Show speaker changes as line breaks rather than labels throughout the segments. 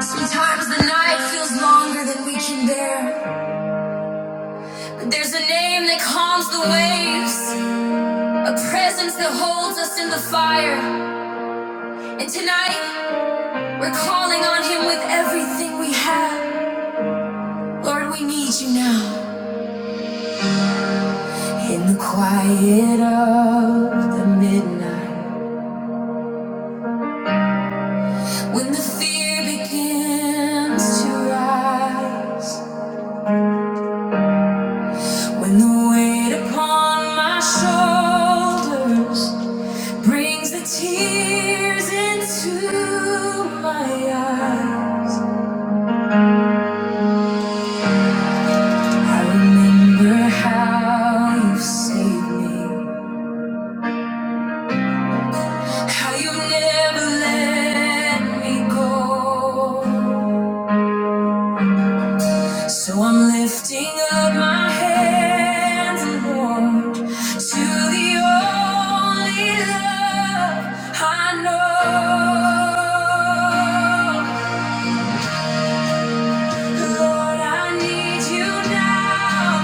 Sometimes the night feels longer than we can bear. there's a name that calms the waves, a presence that holds us in the fire. And tonight, we're calling on Him with everything we have. Lord, we need you now. In the quiet of the midnight, when the fear begins to rise, when the weight upon my shoulders. brings the tears into my eyes. I remember how you saved me, how you never let me go. So I'm lifting up my hands, Lord, to the only love I know. Lord, I need you now.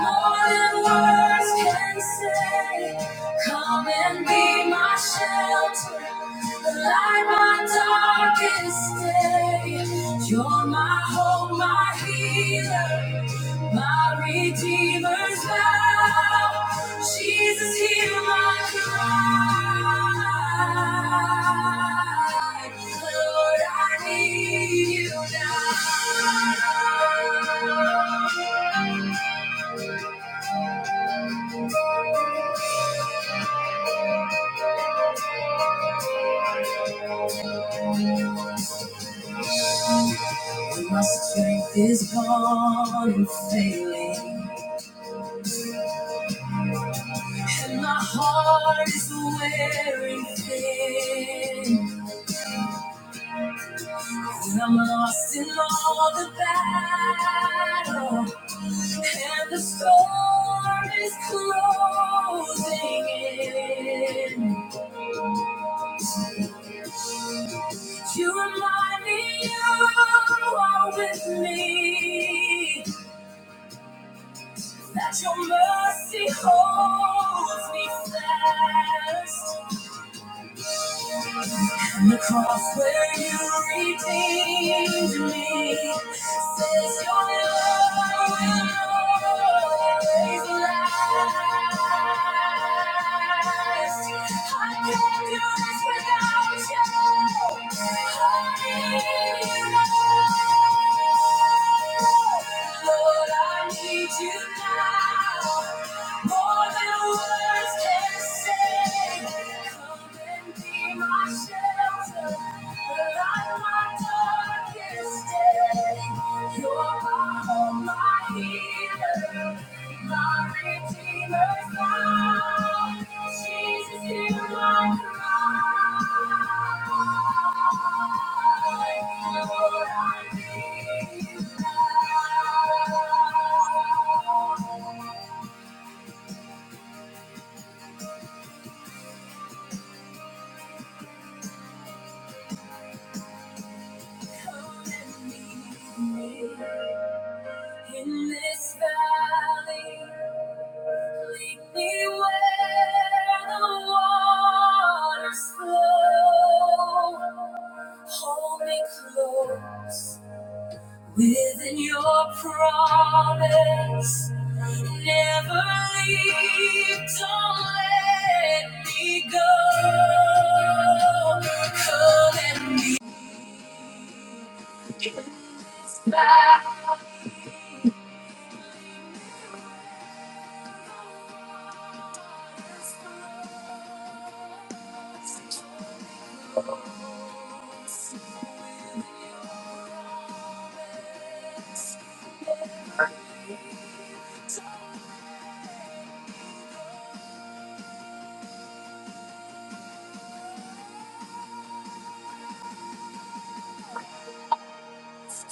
More than words can say. Come and be my shelter. Light my darkest day. You're my hope, my healer. My Redeemer's vow, Jesus, hear my cry. Lord, I need you now. When my strength is gone and failing, and my heart is wearing thin, and I'm lost in all the battle. And the storm is closing in. You remind me you are with me. That your mercy holds me fast. And the cross where you redeemed me says your love will always last. I can't do this without you. Honey, Lord, I need you now more than words can say. Come Thank you. In this valley, lead me where the waters flow. Hold me close within your promise. Never leave, don't let me go. Come and meet. We need never let our guard down. Trust your instincts within your arms.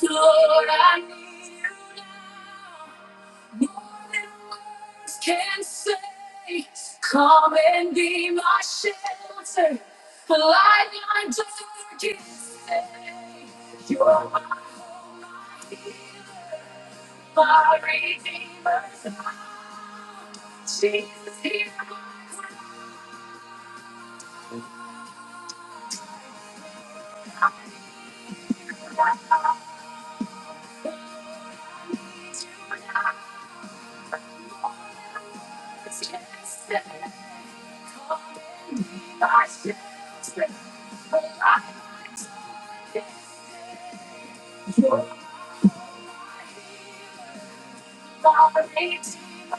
Lord, I need you now. More than words can say. Come and be my shelter. a Light in my darkest day. You are my hope, my healer. My Redeemer, Jesus, hear my words, yes, and call me my shelter. a Light in my darkest day. You are my Redeemer.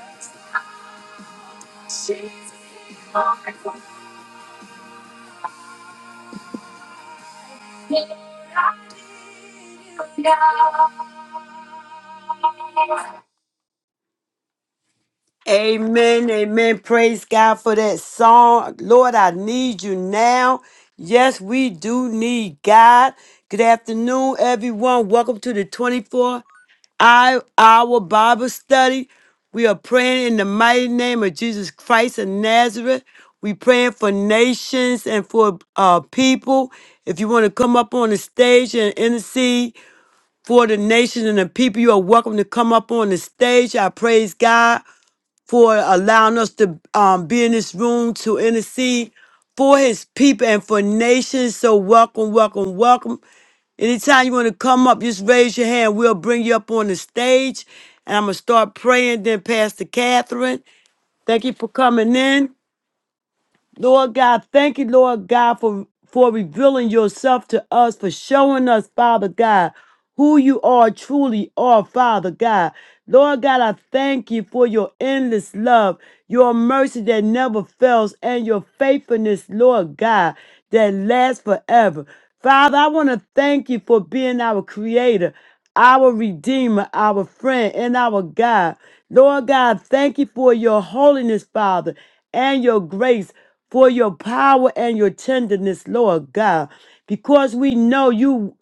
Amen, amen. Praise God for that song. Lord, I need you now. Yes, we do need God. Good afternoon, everyone. Welcome to the 24. I, our Bible study. We are praying in the mighty name of Jesus Christ of Nazareth. We praying for nations and for uh, people. If you want to come up on the stage and intercede for the nations and the people, you are welcome to come up on the stage. I praise God for allowing us to um, be in this room to intercede for his people and for nations. So welcome, welcome, welcome. Anytime you want to come up, just raise your hand. We'll bring you up on the stage. And I'm going to start praying. Then Pastor Catherine, thank you for coming in. Lord God, thank you, Lord God, for, for revealing yourself to us, for showing us, Father God, who you are truly are, Father God. Lord God, I thank you for your endless love, your mercy that never fails, and your faithfulness, Lord God, that lasts forever. Father, I want to thank you for being our creator our Redeemer, our friend, and our God. Lord God, thank you for your holiness, Father, and your grace, for your power and your tenderness, Lord God, because we know you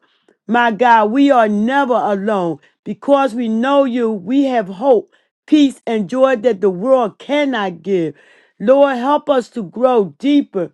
my God, we are never alone because we know you. We have hope, peace, and joy that the world cannot give. Lord, help us to grow deeper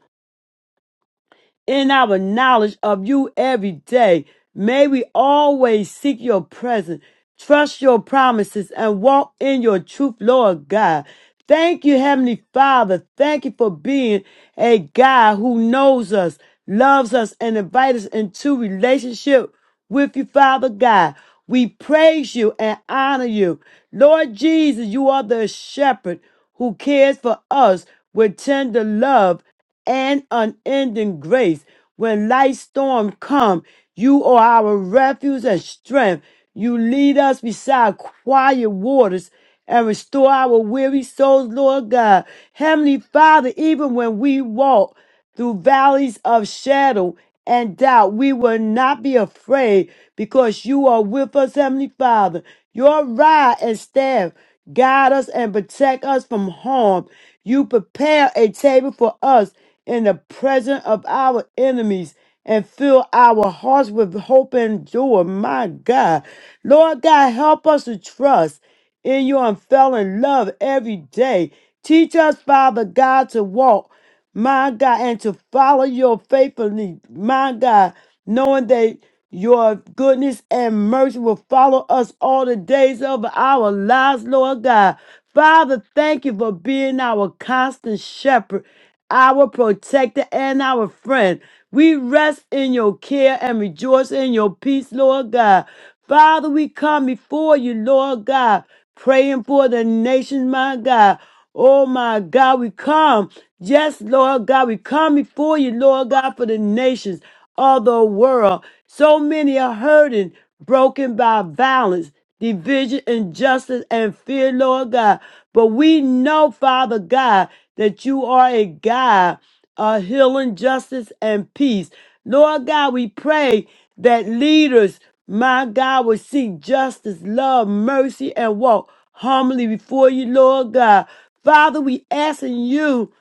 in our knowledge of you every day. May we always seek your presence, trust your promises, and walk in your truth, Lord God. Thank you, Heavenly Father. Thank you for being a God who knows us, loves us, and invites us into relationship with you, Father God. We praise you and honor you. Lord Jesus, you are the shepherd who cares for us with tender love and unending grace. When life's storm come, you are our refuge and strength. You lead us beside quiet waters and restore our weary souls, Lord God. Heavenly Father, even when we walk, through valleys of shadow and doubt. We will not be afraid because you are with us, Heavenly Father. Your rod and staff guide us and protect us from harm. You prepare a table for us in the presence of our enemies and fill our hearts with hope and joy. My God. Lord God, help us to trust in your unfailing love every day. Teach us, Father God, to walk my God, and to follow your faithfulness, my God, knowing that your goodness and mercy will follow us all the days of our lives, Lord God. Father, thank you for being our constant shepherd, our protector, and our friend. We rest in your care and rejoice in your peace, Lord God. Father, we come before you, Lord God, praying for the nation, my God. Oh my God, we come. Yes, Lord God, we come before you, Lord God, for the nations of the world. So many are hurting, broken by violence, division, injustice, and fear, Lord God. But we know, Father God, that you are a God of healing, justice, and peace. Lord God, we pray that leaders, my God, will seek justice, love, mercy, and walk humbly before you, Lord God. Father, we asking you.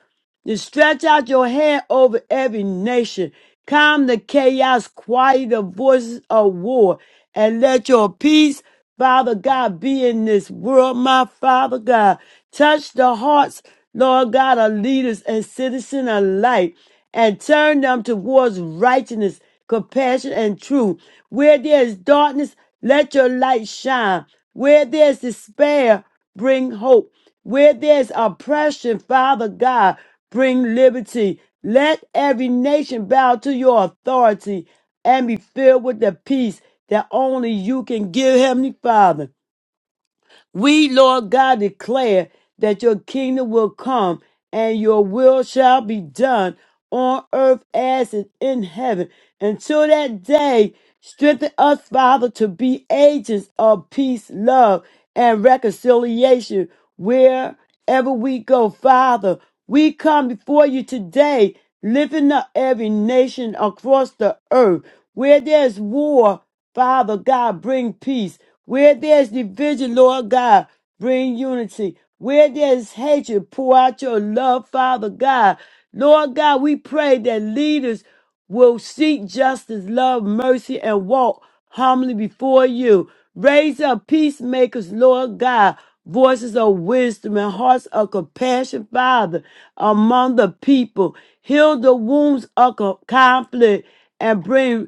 You stretch out your hand over every nation. Calm the chaos, quiet the voices of war, and let your peace, Father God, be in this world, my Father God. Touch the hearts, Lord God, of leaders and citizens alike, and turn them towards righteousness, compassion, and truth. Where there is darkness, let your light shine. Where there is despair, bring hope. Where there's oppression, Father God, bring liberty. Let every nation bow to your authority and be filled with the peace that only you can give, Heavenly Father. We, Lord God, declare that your kingdom will come and your will shall be done on earth as it is in heaven. Until that day, strengthen us, Father, to be agents of peace, love, and reconciliation wherever we go, Father. We come before you today, lifting up every nation across the earth where there's war. Father God, bring peace. Where there's division, Lord God, bring unity. Where there's hatred, pour out your love, Father God. Lord God, we pray that leaders will seek justice, love, mercy, and walk humbly before you. Raise up peacemakers, Lord God, voices of wisdom and hearts of compassion, Father, among the people. Heal the wounds of co- conflict and bring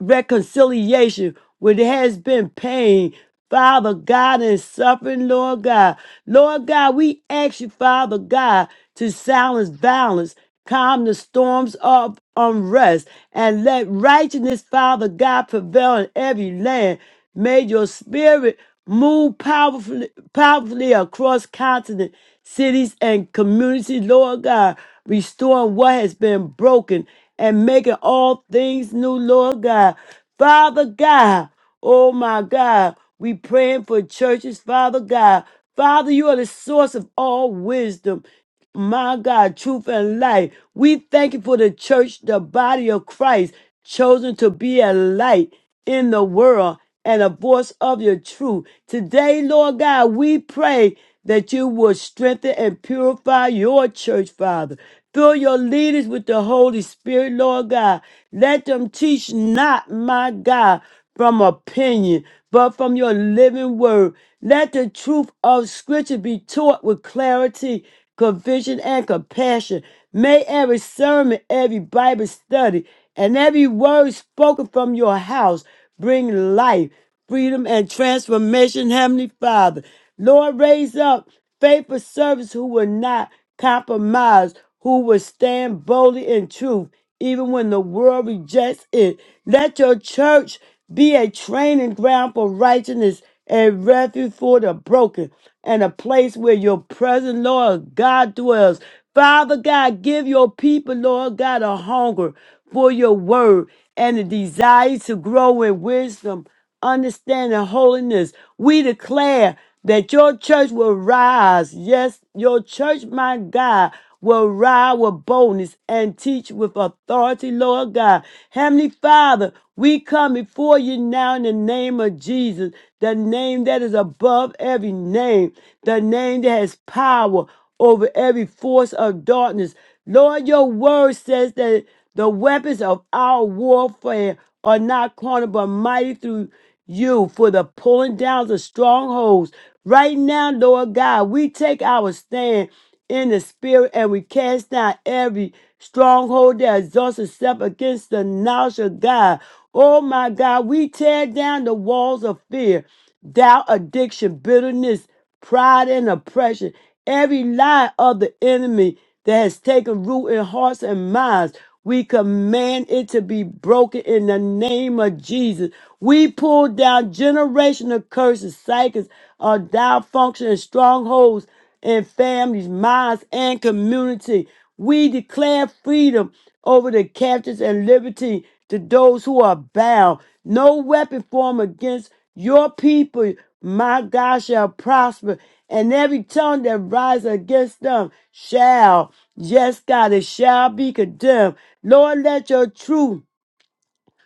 reconciliation where there has been pain. Father God and suffering, Lord God. Lord God, we ask you, Father God, to silence violence, calm the storms of unrest, and let righteousness, Father God, prevail in every land. May your spirit move powerfully, powerfully across continent cities and communities, Lord God, restoring what has been broken and making all things new, Lord God. Father God, oh my God, we praying for churches, Father God. Father, you are the source of all wisdom my God, truth and light. We thank you for the church, the body of Christ, chosen to be a light in the world and a voice of your truth. Today, Lord God, we pray that you will strengthen and purify your church, Father. Fill your leaders with the Holy Spirit, Lord God. Let them teach not, my God, from opinion, but from your living word. Let the truth of Scripture be taught with clarity conviction, and compassion. May every sermon, every Bible study, and every word spoken from your house bring life, freedom, and transformation, Heavenly Father. Lord, raise up faithful servants who will not compromise, who will stand boldly in truth even when the world rejects it. Let your church be a training ground for righteousness, a refuge for the broken, and a place where your present Lord God dwells. Father God, give your people, Lord God, a hunger for your word and a desire to grow in wisdom understanding, holiness. We declare that your church will rise. Yes, your church, my God, will rise with boldness and teach with authority, Lord God. Heavenly Father, we come before you now in the name of Jesus, the name that is above every name, the name that has power over every force of darkness. Lord, your word says that the weapons of our warfare are not carnal but mighty through you for the pulling down of strongholds. Right now, Lord God, we take our stand in the spirit and we cast down every stronghold that exalts itself against the knowledge of God. Oh my God, we tear down the walls of fear doubt, addiction, bitterness, pride, and oppression. Every lie of the enemy that has taken root in hearts and minds, we command it to be broken in the name of Jesus. We pull down generational curses, cycles of dysfunction and strongholds in families, minds, and community. We declare freedom over the captives and liberty to those who are bound. No weapon formed against your people, my God, shall prosper, and every tongue that rises against them shall. Yes, God, it shall be condemned. Lord, let your truth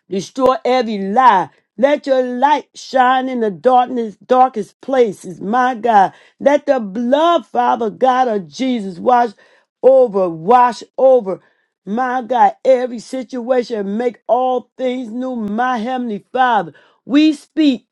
Destroy every lie. Let your light shine in the darkness, darkest places, my God. Let the blood, Father God of Jesus, wash over, wash over. My God, every situation, make all things new, my Heavenly Father. We speak.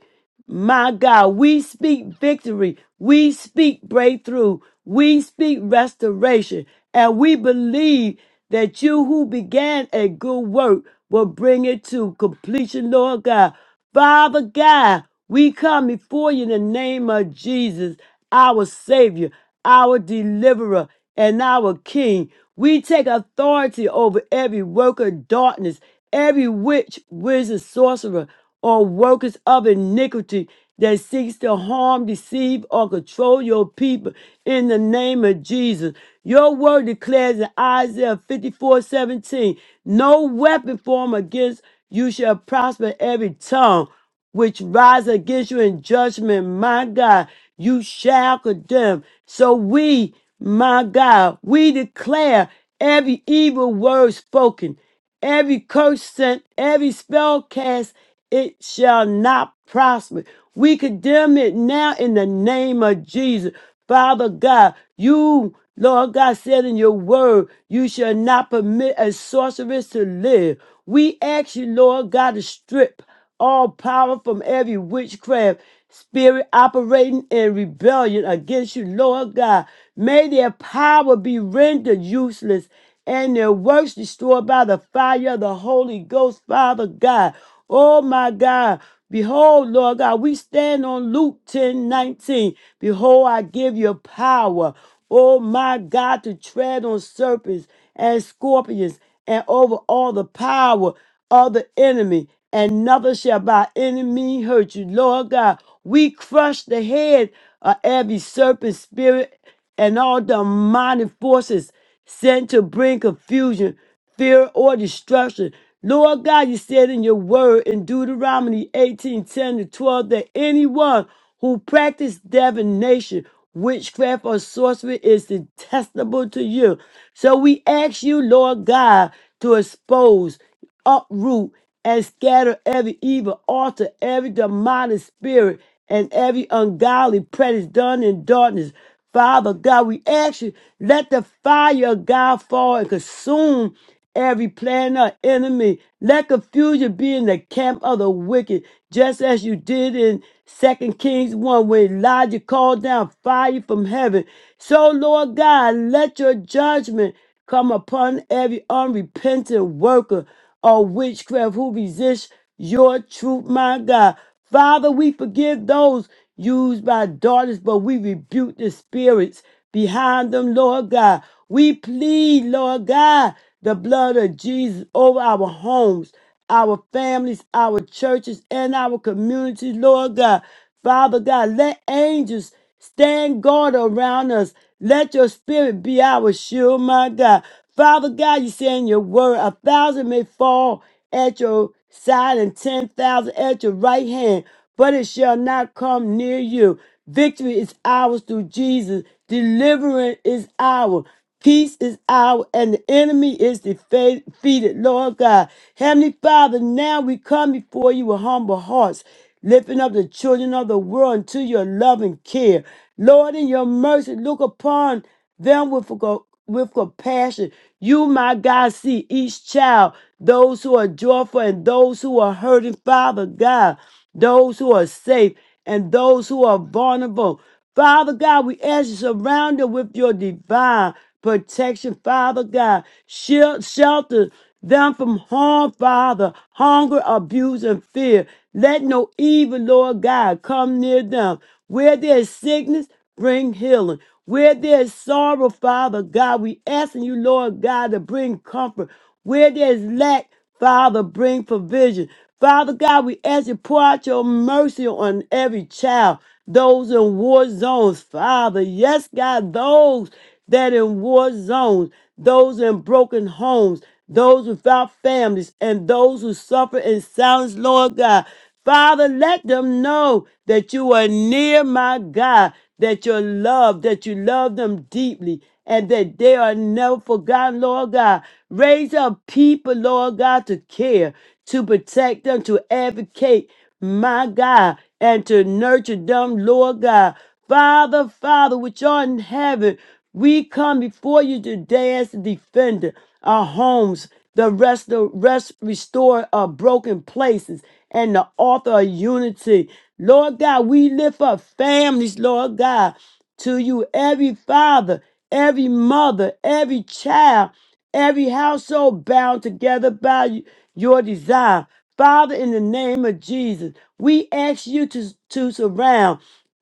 My God, we speak victory. We speak breakthrough. We speak restoration. And we believe that you who began a good work will bring it to completion, Lord God. Father God, we come before you in the name of Jesus our Savior, our Deliverer, and our King. We take authority over every worker of darkness, every witch, wizard, sorcerer, or workers of iniquity that seeks to harm, deceive, or control your people in the name of Jesus. Your word declares in Isaiah 54 17: no weapon formed against you shall prosper every tongue which rise against you in judgment, my God, you shall condemn. So we, my God, we declare every evil word spoken, every curse sent, every spell cast, it shall not prosper. We condemn it now in the name of Jesus. Father God, you, Lord God, said in your word, you shall not permit a sorceress to live. We ask you, Lord God, to strip all power from every witchcraft spirit operating in rebellion against you, Lord God. May their power be rendered useless and their works destroyed by the fire of the Holy Ghost, Father God. Oh my God. Behold, Lord God, we stand on Luke 10 19. Behold, I give you power. Oh my God, to tread on serpents and scorpions and over all the power of the enemy, and nothing shall by any means hurt you. Lord God, we crush the head of every serpent spirit and all demonic forces sent to bring confusion, fear, or destruction. Lord God, you said in your word in Deuteronomy 18 10 to 12 that anyone who practices divination, witchcraft, or sorcery is detestable to you. So we ask you, Lord God, to expose, uproot, and scatter every evil altar, every demonic spirit, and every ungodly practice done in darkness. Father God, we ask you, let the fire of God fall and consume every plan of enemy. Let confusion be in the camp of the wicked, just as you did in Second Kings 1 when Elijah called down fire from heaven. So, Lord God, let your judgment come upon every unrepentant worker of witchcraft who resists your truth, my God. Father, we forgive those used by daughters, but we rebuke the spirits behind them, Lord God. We plead, Lord God, the blood of Jesus over our homes, our families, our churches, and our communities, Lord God. Father God, let angels stand guard around us. Let your spirit be our shield, my God. Father God, you say in your word, a thousand may fall at your side and 10,000 at your right hand, but it shall not come near you. Victory is ours through Jesus. Deliverance is ours. Peace is ours, and the enemy is defa- defeated, Lord God. Heavenly Father, now we come before you with humble hearts, lifting up the children of the world into your loving care. Lord, in your mercy, look upon them with, co- with compassion. You, my God, see each child, those who are joyful and those who are hurting, Father God, those who are safe and those who are vulnerable. Father God, we ask you surround them with your divine protection, Father God. Shield, shelter them from harm, Father, hunger, abuse, and fear. Let no evil, Lord God, come near them. Where there is sickness, bring healing. Where there is sorrow, Father God, we asking you, Lord God, to bring comfort. Where there is lack, Father, bring provision. Father God, we ask you pour out your mercy on every child, those in war zones, Father. Yes, God, those that in war zones, those in broken homes, those without families, and those who suffer in silence, Lord God. Father, let them know that you are near, my God, that you love, that you love them deeply, and that they are never forgotten, Lord God. Raise up people, Lord God, to care, to protect them, to advocate, my God, and to nurture them, Lord God. Father, Father, which art in heaven, we come before you today as the defender, our homes, the rest, the rest, restore our broken places, and the author of unity. Lord God, we lift up families, Lord God, to you, every father, every mother, every child, every household bound together by y- your desire. Father, in the name of Jesus, we ask you to, to surround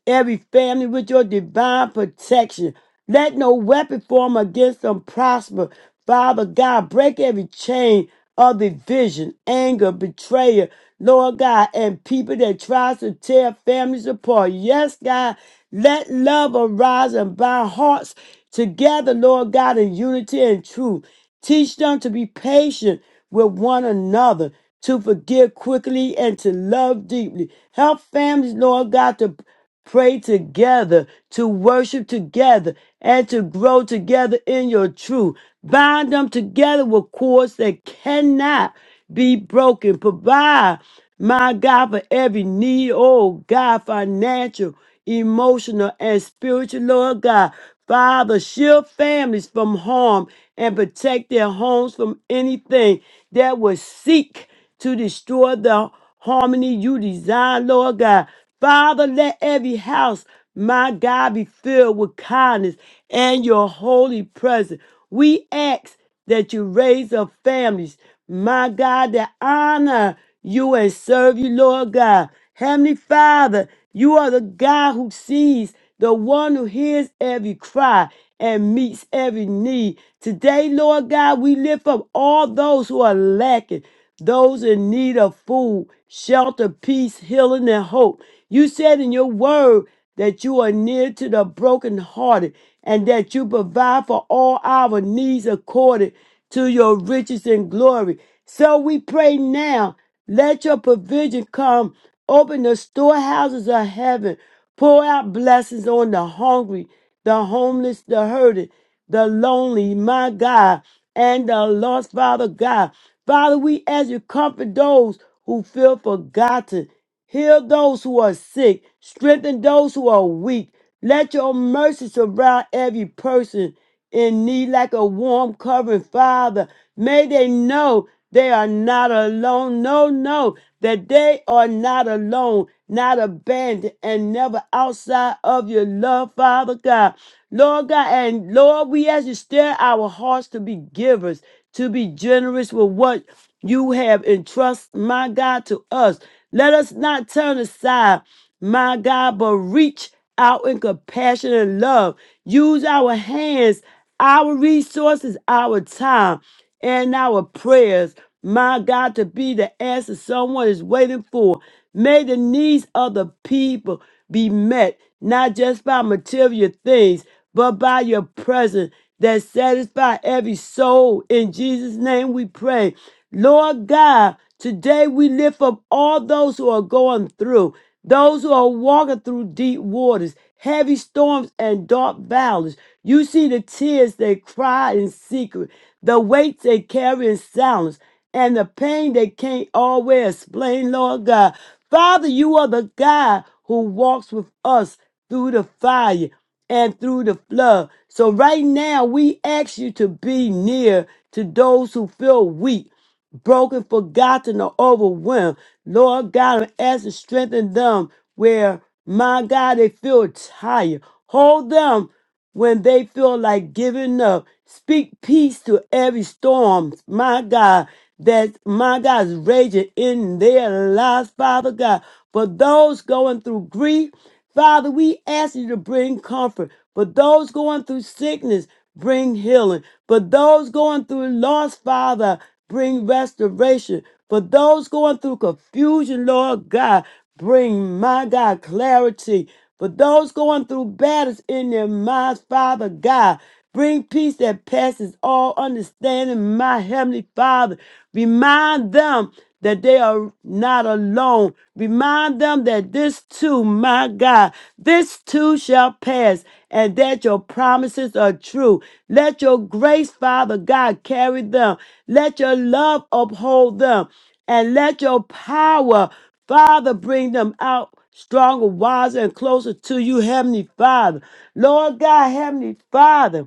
every family with your divine protection. Let no weapon form against them prosper. Father God, break every chain of division, anger, betrayal, Lord God, and people that tries to tear families apart. Yes, God, let love arise and bind hearts together, Lord God, in unity and truth. Teach them to be patient with one another, to forgive quickly, and to love deeply. Help families, Lord God, to pray together, to worship together, and to grow together in your truth. Bind them together with cords that cannot be broken. Provide my God, for every need, oh God, financial, emotional, and spiritual, Lord God. Father, shield families from harm and protect their homes from anything that would seek to destroy the harmony you design, Lord God. Father, let every house, my God, be filled with kindness and your holy presence. We ask that you raise up families, my God, that honor you and serve you, Lord God. Heavenly Father, you are the God who sees, the one who hears every cry and meets every need. Today, Lord God, we lift up all those who are lacking, those in need of food, shelter, peace, healing, and hope. You said in your word, that you are near to the brokenhearted, and that you provide for all our needs according to your riches and glory. So we pray now, let your provision come. Open the storehouses of heaven. Pour out blessings on the hungry, the homeless, the hurting, the lonely, my God, and the lost, Father God. Father, we ask you to comfort those who feel forgotten Heal those who are sick, strengthen those who are weak. Let your mercy surround every person in need like a warm covering, Father. May they know they are not alone. No, no, that they are not alone, not abandoned, and never outside of your love, Father God. Lord God, and Lord, we ask you stir our hearts to be givers, to be generous with what you have entrusted, my God, to us. Let us not turn aside, my God, but reach out in compassion and love. Use our hands our resources, our time, and our prayers. My God, to be the answer someone is waiting for. May the needs of the people be met, not just by material things, but by your presence that satisfy every soul. In Jesus' name we pray. Lord God, today we lift up all those who are going through, those who are walking through deep waters heavy storms and dark valleys. You see the tears they cry in secret, the weights they carry in silence, and the pain they can't always explain, Lord God. Father, you are the God who walks with us through the fire and through the flood. So right now, we ask you to be near to those who feel weak broken, forgotten, or overwhelmed. Lord God, I'm asking strengthen them where, my God, they feel tired. Hold them when they feel like giving up. Speak peace to every storm, my God, that my God is raging in their lives, Father God. For those going through grief, Father, we ask you to bring comfort. For those going through sickness, bring healing. For those going through loss, Father, Bring restoration. For those going through confusion, Lord God, bring, my God, clarity. For those going through battles in their minds, Father God, bring peace that passes all understanding, my Heavenly Father. Remind them that they are not alone. Remind them that this too, my God, this too shall pass, and that your promises are true. Let your grace, Father God, carry them. Let your love uphold them, and let your power, Father, bring them out stronger, wiser, and closer to you, Heavenly Father. Lord God, Heavenly Father.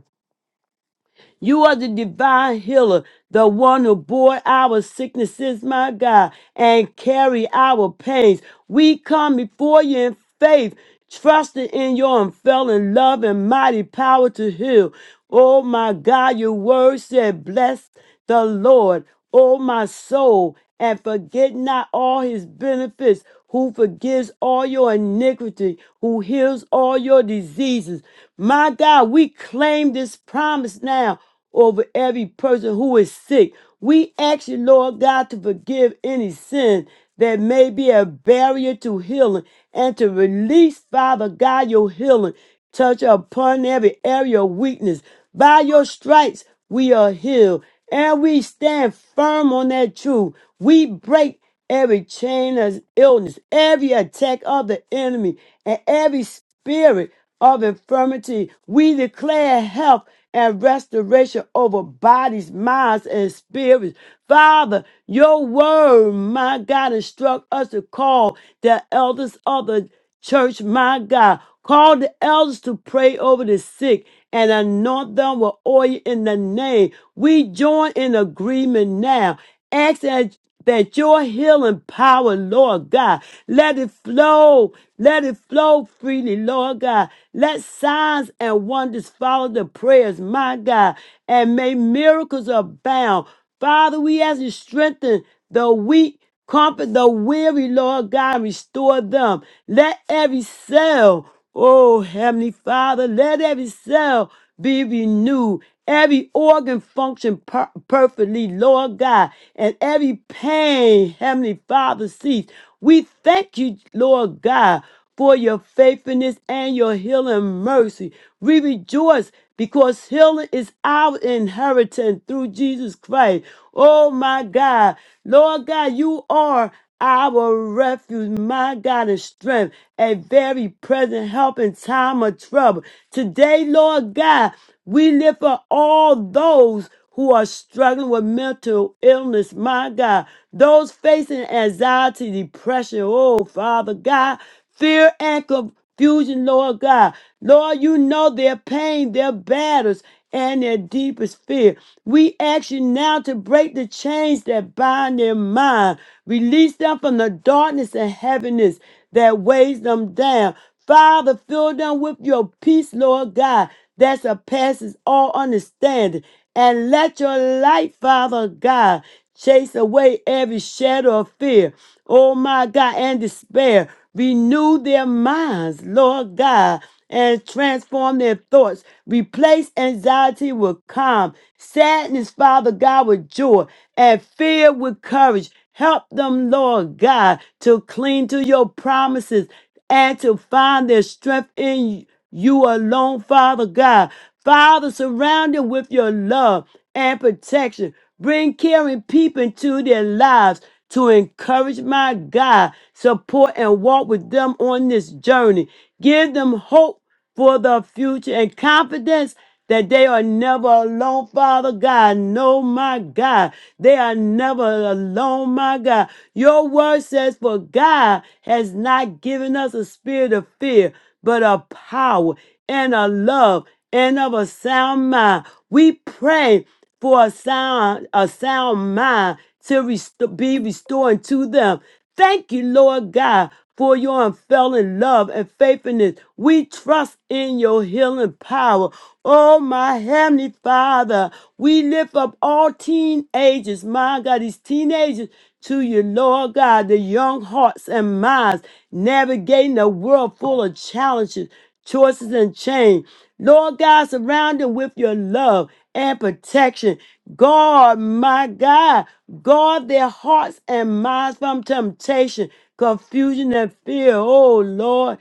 You are the divine healer, the one who bore our sicknesses, my God, and carry our pains. We come before you in faith, trusting in your unfailing love and mighty power to heal. Oh my God, your word said, Bless the Lord. O my soul, and forget not all his benefits, who forgives all your iniquity, who heals all your diseases. My God, we claim this promise now over every person who is sick. We ask you, Lord God, to forgive any sin that may be a barrier to healing and to release, Father God, your healing. Touch upon every area of weakness. By your stripes, we are healed and we stand firm on that truth. We break every chain of illness, every attack of the enemy, and every spirit of infirmity. We declare health and restoration over bodies, minds, and spirits. Father, your word, my God, instruct us to call the elders of the church, my God. Call the elders to pray over the sick and anoint them with oil in the name. We join in agreement now. Ask that, that your healing power, Lord God, let it flow. Let it flow freely, Lord God. Let signs and wonders follow the prayers, my God, and may miracles abound. Father, we ask you strengthen the weak Comfort the weary, Lord God, restore them. Let every cell, oh Heavenly Father, let every cell be renewed, every organ function per- perfectly, Lord God, and every pain, Heavenly Father, cease. We thank you, Lord God for your faithfulness and your healing mercy. We rejoice because healing is our inheritance through Jesus Christ. Oh my God. Lord God, you are our refuge, my God, and strength, a very present help in time of trouble. Today, Lord God, we lift up all those who are struggling with mental illness, my God, those facing anxiety, depression, oh, Father God, fear and confusion, Lord God. Lord, you know their pain, their battles, and their deepest fear. We ask you now to break the chains that bind their mind, release them from the darkness and heaviness that weighs them down. Father, fill them with your peace, Lord God that surpasses all understanding. And let your light, Father God, chase away every shadow of fear, oh my God, and despair. Renew their minds, Lord God, and transform their thoughts. Replace anxiety with calm, sadness, Father God, with joy, and fear with courage. Help them, Lord God, to cling to your promises and to find their strength in you you alone, Father God. Father, surround them with your love and protection. Bring caring people into their lives to encourage my God, support and walk with them on this journey. Give them hope for the future and confidence that they are never alone, Father God. No, my God, they are never alone, my God. Your word says, For God has not given us a spirit of fear, but of power and of love and of a sound mind. We pray for a sound, a sound mind to rest- be restored to them. Thank you, Lord God, for your unfailing love and faithfulness. We trust in your healing power. Oh, my heavenly Father, we lift up all teenagers, my God, these teenagers to you, Lord God, the young hearts and minds navigating a world full of challenges, choices, and change. Lord God, surround them with your love and protection. God, my God, guard their hearts and minds from temptation, confusion, and fear. Oh, Lord,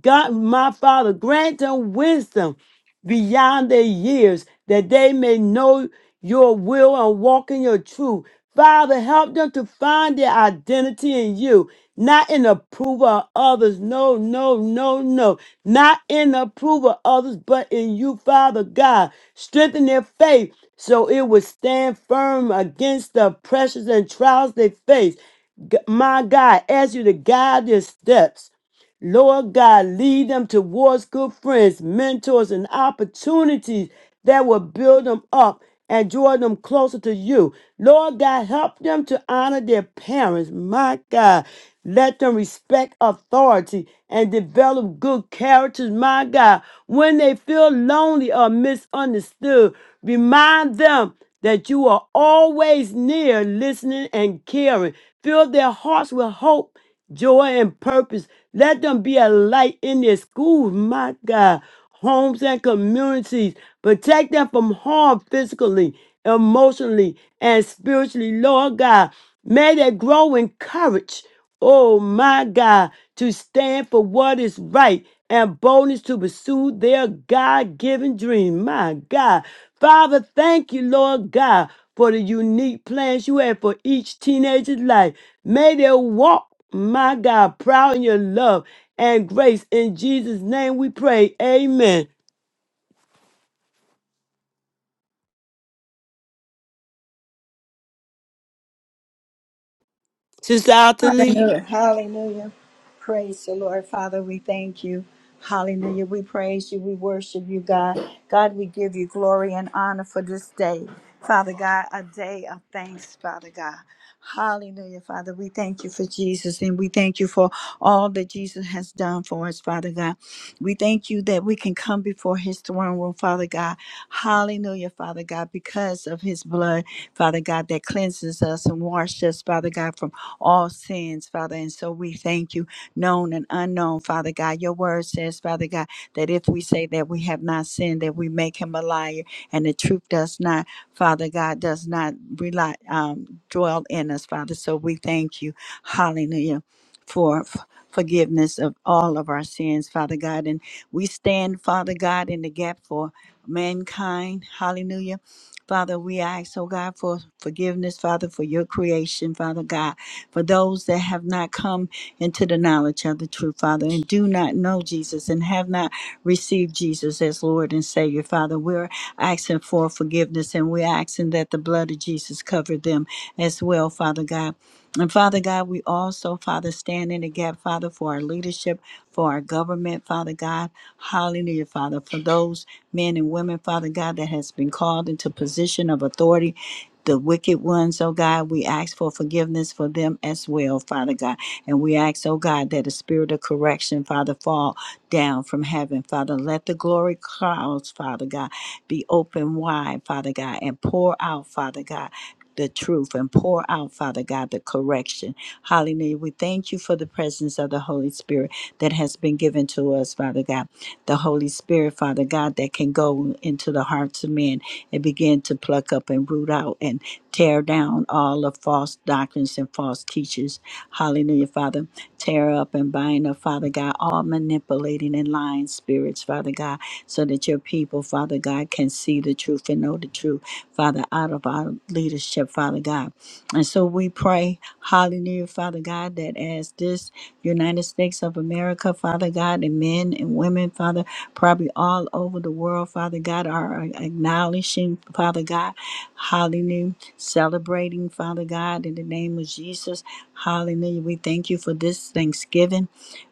God, my Father, grant them wisdom beyond their years that they may know your will and walk in your truth. Father, help them to find their identity in you, not in approval of others. No, no, no, no not in the approval of others, but in you, Father God. Strengthen their faith so it will stand firm against the pressures and trials they face. G- My God, ask you to guide their steps. Lord God, lead them towards good friends, mentors, and opportunities that will build them up and draw them closer to you. Lord God, help them to honor their parents. My God, let them respect authority and develop good characters. My God, when they feel lonely or misunderstood, remind them that you are always near, listening and caring. Fill their hearts with hope joy, and purpose. Let them be a light in their schools, my God, homes and communities. Protect them from harm physically, emotionally, and spiritually, Lord God. May they grow in courage, oh my God, to stand for what is right and boldness to pursue their God given dream, my God. Father, thank you, Lord God, for the unique plans you have for each teenager's life. May they walk my God, proud in your love and grace. In Jesus' name we pray. Amen. Sister Althea Lee,
Hallelujah. Hallelujah. Praise the Lord. Father, we thank you. Hallelujah. We praise you. We worship you, God. God, we give you glory and honor for this day. Father God, a day of thanks, Father God. Hallelujah, Father. We thank you for Jesus and we thank you for all that Jesus has done for us, Father God. We thank you that we can come before his throne room, Father God. Hallelujah, Father God, because of his blood, Father God, that cleanses us and washes us, Father God, from all sins, Father. And so we thank you, known and unknown, Father God. Your word says, Father God, that if we say that we have not sinned, that we make him a liar, and the truth does not, Father God, does not rely, um, dwell in us, Father. So we thank you. Hallelujah. For forgiveness of all of our sins, Father God. And we stand, Father God, in the gap for mankind. Hallelujah. Father, we ask, oh God, for forgiveness, Father, for your creation, Father God, for those that have not come into the knowledge of the truth, Father, and do not know Jesus and have not received Jesus as Lord and Savior, Father. We're asking for forgiveness and we're asking that the blood of Jesus cover them as well, Father God. And Father God, we also, Father, stand in the gap, Father, for our leadership, for our government, Father God. Hallelujah, Father, for those men and women, Father God, that has been called into position of authority. The wicked ones, oh God, we ask for forgiveness for them as well, Father God. And we ask, oh God, that the spirit of correction, Father, fall down from heaven, Father. Let the glory clouds, Father God be open wide, Father God, and pour out, Father God. The truth and pour out, Father God, the correction. Hallelujah. We thank you for the presence of the Holy Spirit that has been given to us, Father God. The Holy Spirit, Father God, that can go into the hearts of men and begin to pluck up up and root out and tear down all the false doctrines and false teachers. Hallelujah, Father. Tear up and bind up, Father God, all manipulating and lying spirits, Father God, so that your people, Father God, can see the truth and know the truth, Father, out of our leadership, Father God. And so we pray, hallelujah, Father God, that as this United States of America, Father God, and men and women, Father, probably all over the world, Father God, are acknowledging, Father God, hallelujah, celebrating, Father God, in the name of Jesus, hallelujah. We thank you for this Thanksgiving.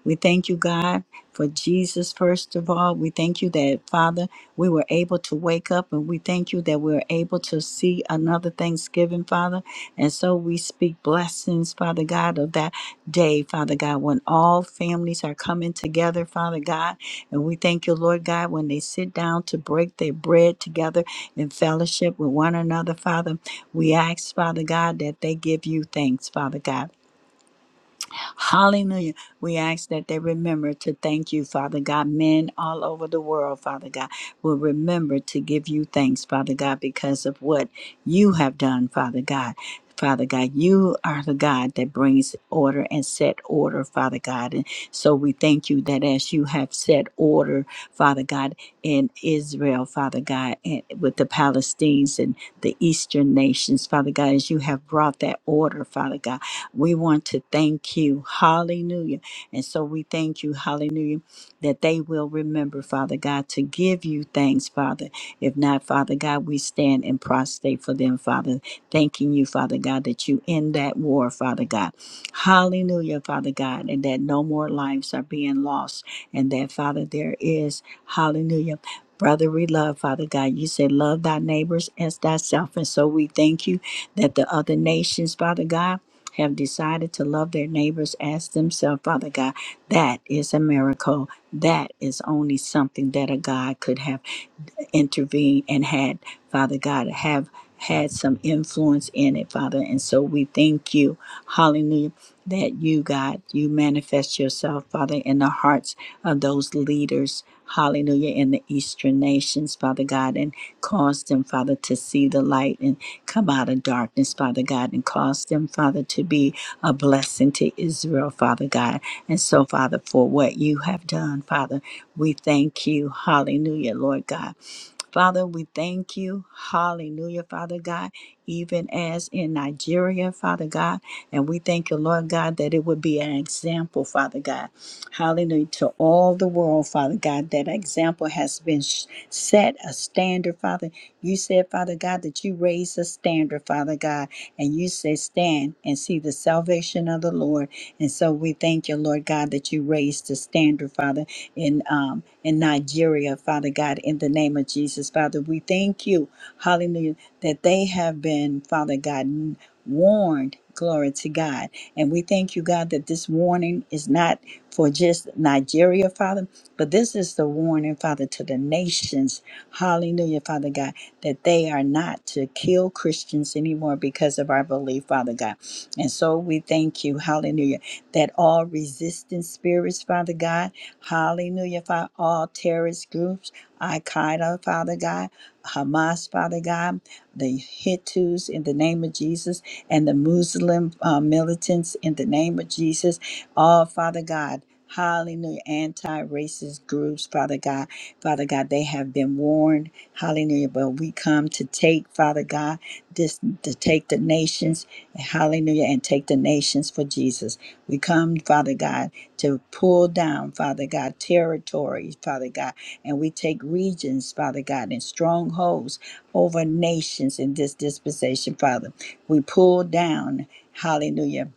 We thank you, God, for Jesus, first of all. We thank you that, Father, we were able to wake up and we thank you that we are able to see another Thanksgiving, Father. And so we speak blessings, Father God, of that day, Father God, when all families are coming together, Father God. And we thank you, Lord God, when they sit down to break their bread together in fellowship with one another, Father. We ask, Father God, that they give you thanks, Father God. Hallelujah. We ask that they remember to thank you, Father God. Men all over the world, Father God, will remember to give you thanks, Father God, because of what you have done, Father God. Father God, you are the God that brings order and set order, Father God. And so we thank you that as you have set order, Father God, in Israel, Father God, and with the Palestinians and the Eastern nations, Father God, as you have brought that order, Father God. We want to thank you. Hallelujah. And so we thank you, hallelujah, that they will remember, Father God, to give you thanks, Father. If not, Father God, we stand and prostrate for them, Father, thanking you, Father God, that you end that war, Father God. Hallelujah, Father God, and that no more lives are being lost, and that, Father, there is, hallelujah. Brotherly love, Father God. You said, Love thy neighbors as thyself. And so we thank you that the other nations, Father God, have decided to love their neighbors as themselves, Father God, that is a miracle. That is only something that a God could have intervened and had, Father God, have had some influence in it, Father. And so we thank you, hallelujah, that you, God, you manifest yourself, Father, in the hearts of those leaders, hallelujah, in the eastern nations, Father God, and cause them, Father, to see the light and come out of darkness, Father God, and cause them, Father, to be a blessing to Israel, Father God. And so, Father, for what you have done, Father, we thank you, hallelujah, Lord God. Father, we thank you. Hallelujah, Father God, even as in Nigeria, Father God. And we thank you, Lord God, that it would be an example, Father God. Hallelujah. To all the world, Father God, that example has been sh- set a standard, Father. You said, Father God, that you raised a standard, Father God, and you said, Stand and see the salvation of the Lord. And so we thank you, Lord God, that you raised the standard, Father, in um in Nigeria, Father God, in the name of Jesus, Father. We thank you, hallelujah, that they have been, Father God warned. Glory to God. And we thank you, God, that this warning is not for just Nigeria, Father, but this is the warning, Father, to the nations. Hallelujah, Father God, that they are not to kill Christians anymore because of our belief, Father God. And so we thank you, hallelujah, that all resistant spirits, Father God, hallelujah, Father, all terrorist groups, Al Qaeda, Father God, Hamas, Father God the Hittites in the name of Jesus, and the Muslim uh, militants in the name of Jesus. All, Father God, hallelujah, anti racist groups, Father God, Father God, they have been warned, hallelujah, but we come to take, Father God, this to take the nations, hallelujah, and take the nations for Jesus. We come, Father God, to pull down, Father God, territories, Father God, and we take regions, Father God, and strongholds over nations in this dispensation, Father. We pull down, hallelujah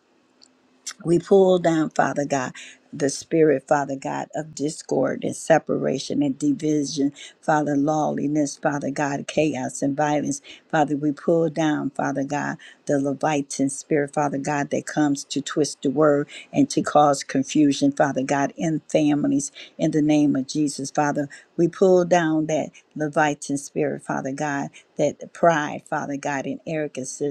we pull down, Father God, the spirit, Father God, of discord and separation and division, Father, lawlessness, Father God, chaos and violence. Father, we pull down, Father God, the Levitan spirit, Father God, that comes to twist the word and to cause confusion, Father God, in families, in the name of Jesus, Father. We pull down that Levitan spirit, Father God, that pride, Father God, and arrogance,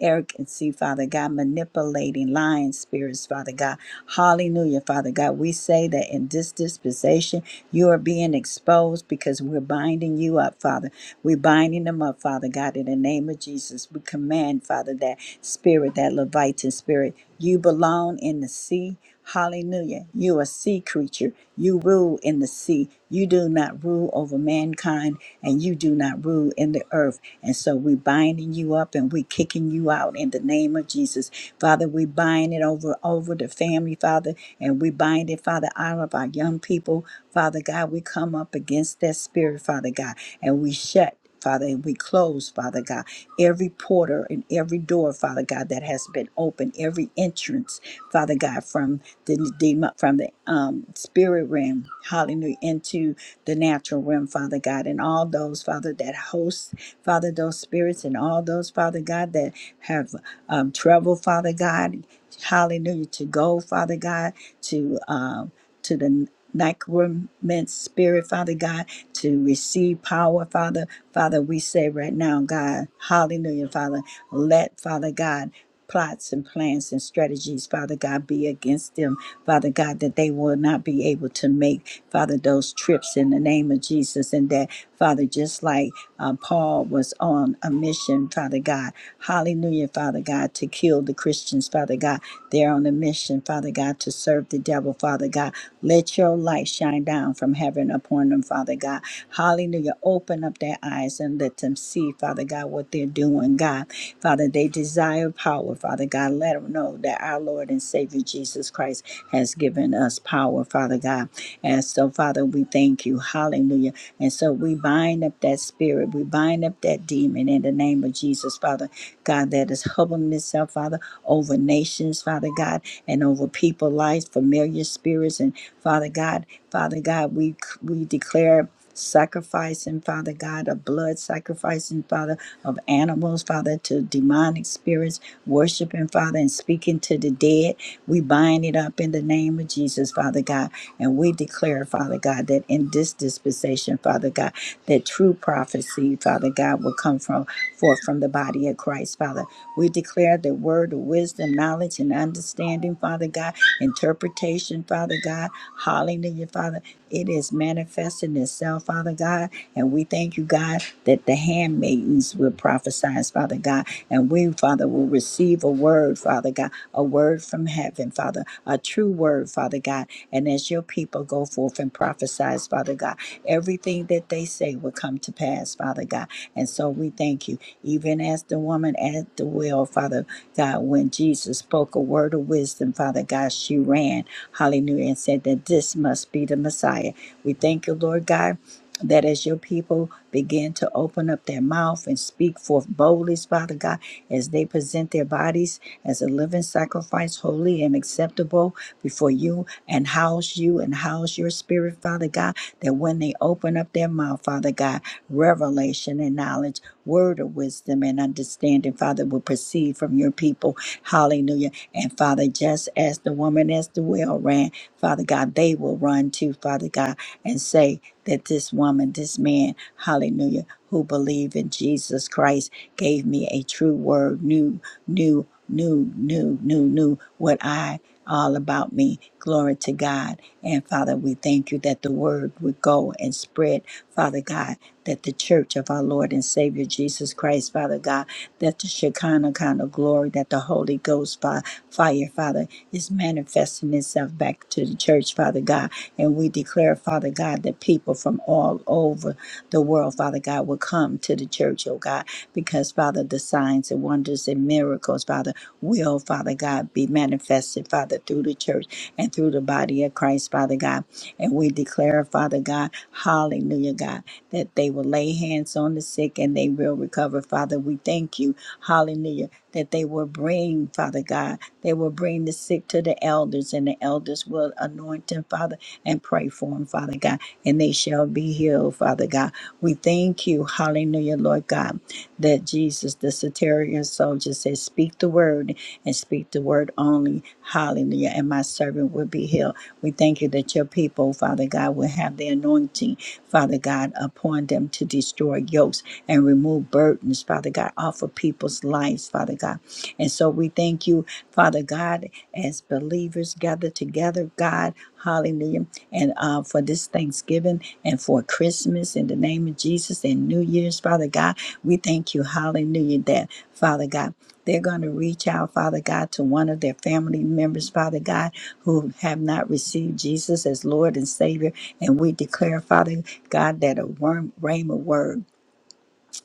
arrogancy, Father God, manipulating fighting lying spirits, Father God. Hallelujah, Father God. We say that in this dispensation, you are being exposed because we're binding you up, Father. We're binding them up, Father God, in the name of Jesus. We command, Father, that spirit, that Leviathan spirit, you belong in the sea. Hallelujah. You a sea creature. You rule in the sea. You do not rule over mankind and you do not rule in the earth. And so we binding you up and we kicking you out in the name of Jesus. Father, we bind it over over the family, Father, and we bind it, Father, out of our young people. Father God, we come up against that spirit, Father God, and we shut. Father, and we close, Father God, every porter and every door, Father God, that has been opened, every entrance, Father God, from the demo- from the um, spirit realm, hallelujah, into the natural realm, Father God, and all those, Father, that host, Father, those spirits, and all those, Father God, that have um, traveled, Father God, hallelujah, to go, Father God, to. um, to the necromantic spirit, Father God, to receive power, Father. Father, we say right now, God, hallelujah, Father, let, Father God, plots and plans and strategies, Father God, be against them, Father God, that they will not be able to make, Father, those trips in the name of Jesus. And that, Father, just like uh, Paul was on a mission, Father Father God. Hallelujah, Father God, to kill the Christians, Father God. They're on a mission, Father God, to serve the devil, Father God. Let your light shine down from heaven upon them, Father God. Hallelujah. Open up their eyes and let them see, Father God, what they're doing, God. Father, they desire power, Father God. Let them know that our Lord and Savior Jesus Christ has given us power, Father God. And so, Father, we thank you. Hallelujah. And so we bind up that spirit. We bind up that demon in the name of Jesus, Father God, that is humbling itself, Father, over nations, Father God, and over people, lives, familiar spirits. And Father God, Father God, we we declare sacrificing, Father God, of blood sacrificing, Father, of animals, Father, to demonic spirits, worshiping, Father, and speaking to the dead. We bind it up in the name of Jesus, Father God. And we declare, Father God, that in this dispensation, Father God, that true prophecy, Father God, will come from forth from the body of Christ, Father. We declare the word of wisdom, knowledge, and understanding, Father God, interpretation, Father God. Hallelujah, Father. It is manifesting itself, Father God. And we thank you, God, that the handmaidens will prophesy, Father God. And we, Father, will receive a word, Father God a word from heaven, Father, a true word, Father God. And as your people go forth and prophesize, Father God, everything that they say will come to pass, Father God. And so we thank you, even as the woman at the well, Father God, when Jesus spoke a word of wisdom, Father God, she ran, hallelujah, and said that this must be the Messiah. We thank you, Lord God that as your people begin to open up their mouth and speak forth boldly, Father God, as they present their bodies as a living sacrifice, holy and acceptable before you, and house you and house your spirit, Father God, that when they open up their mouth, Father God, revelation and knowledge, word of wisdom and understanding, Father, will proceed from your people. Hallelujah. And Father, just as the woman as the well ran, Father God, they will run too, Father God, and say that this woman, this man, hallelujah, who believe in Jesus Christ gave me a true word, new, new, new, new, new, new, what I all about me. Glory to God. And Father, we thank you that the word would go and spread, Father God, that the church of our Lord and Savior Jesus Christ, Father God, that the Shekinah kind of glory, that the Holy Ghost fi- fire, Father, is manifesting itself back to the church, Father God. And we declare, Father God, that people from all over the world, Father God, will come to the church, oh God, because, Father, the signs and wonders and miracles, Father, will, Father God, be manifested, Father, through the church and through the body of Christ, Father God. And we declare, Father God, hallelujah, God, that they will lay hands on the sick and they will recover, Father. We thank you, hallelujah, that they will bring, Father God, they will bring the sick to the elders and the elders will anoint them, Father, and pray for them, Father God, and they shall be healed, Father God. We thank you, hallelujah, Lord God that Jesus, the Satarian soldier, said, Speak the word and speak the word only. Hallelujah. And my servant will be healed. We thank you that your people, Father God, will have the anointing, Father God, upon them to destroy yokes and remove burdens, Father God, off of people's lives, Father God. And so we thank you, Father God, as believers gather together, God, hallelujah, and uh, for this Thanksgiving and for Christmas in the name of Jesus and New Year's, Father God. We thank you, hallelujah, that Father God, they're going to reach out, Father God, to one of their family members, Father God, who have not received Jesus as Lord and Savior. And we declare, Father God, that a worm, rhema word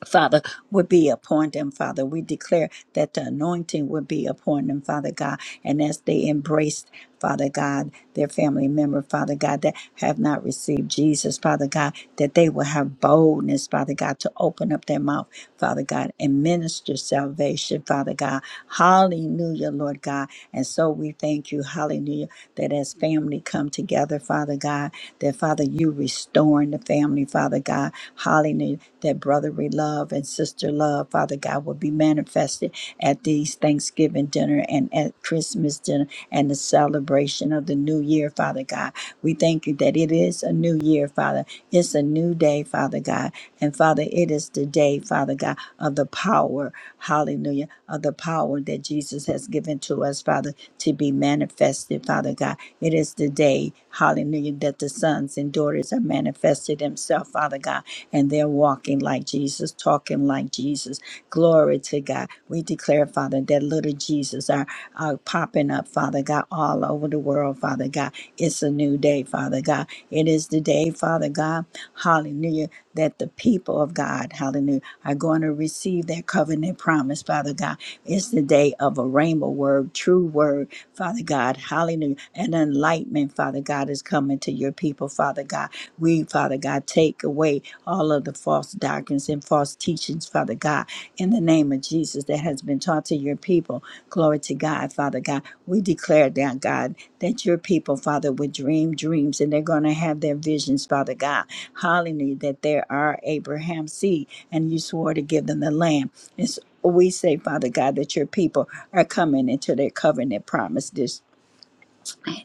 Father, would be upon them, Father. We declare that the anointing would be upon them, Father God. And as they embraced, Father God, their family member, Father God, that have not received Jesus, Father God, that they will have boldness, Father God, to open up their mouth, Father God, and minister salvation, Father God. Hallelujah, Lord God. And so we thank you, hallelujah, that as family come together, Father God, that Father, you restoring the family, Father God. Hallelujah that brotherly love and sister love, Father God, will be manifested at these Thanksgiving dinner and at Christmas dinner and the celebration of the new year, Father God. We thank you that it is a new year, Father. It's a new day, Father God. And Father, it is the day, Father God, of the power, hallelujah, of the power that Jesus has given to us, Father, to be manifested, Father God. It is the day, hallelujah, that the sons and daughters have manifested themselves, Father God and they're walking like Jesus, talking like Jesus. Glory to God. We declare, Father, that little Jesus are, are popping up, Father God, all over the world, Father God. It's a new day, Father God. It is the day, Father God, hallelujah, that the people of God, hallelujah, are going to receive their covenant promise, Father God. It's the day of a rainbow word, true word, Father God, hallelujah. And enlightenment, Father God, is coming to your people, Father God. We, Father God, take away all of the false doctrines and false teachings, Father God, in the name of Jesus that has been taught to your people. Glory to God, Father God. We declare that, God, that your people, Father, would dream dreams and they're going to have their visions, Father God. Hallelujah, that there are Abraham's seed and you swore to give them the land. It's we say, Father God, that your people are coming into their covenant promise this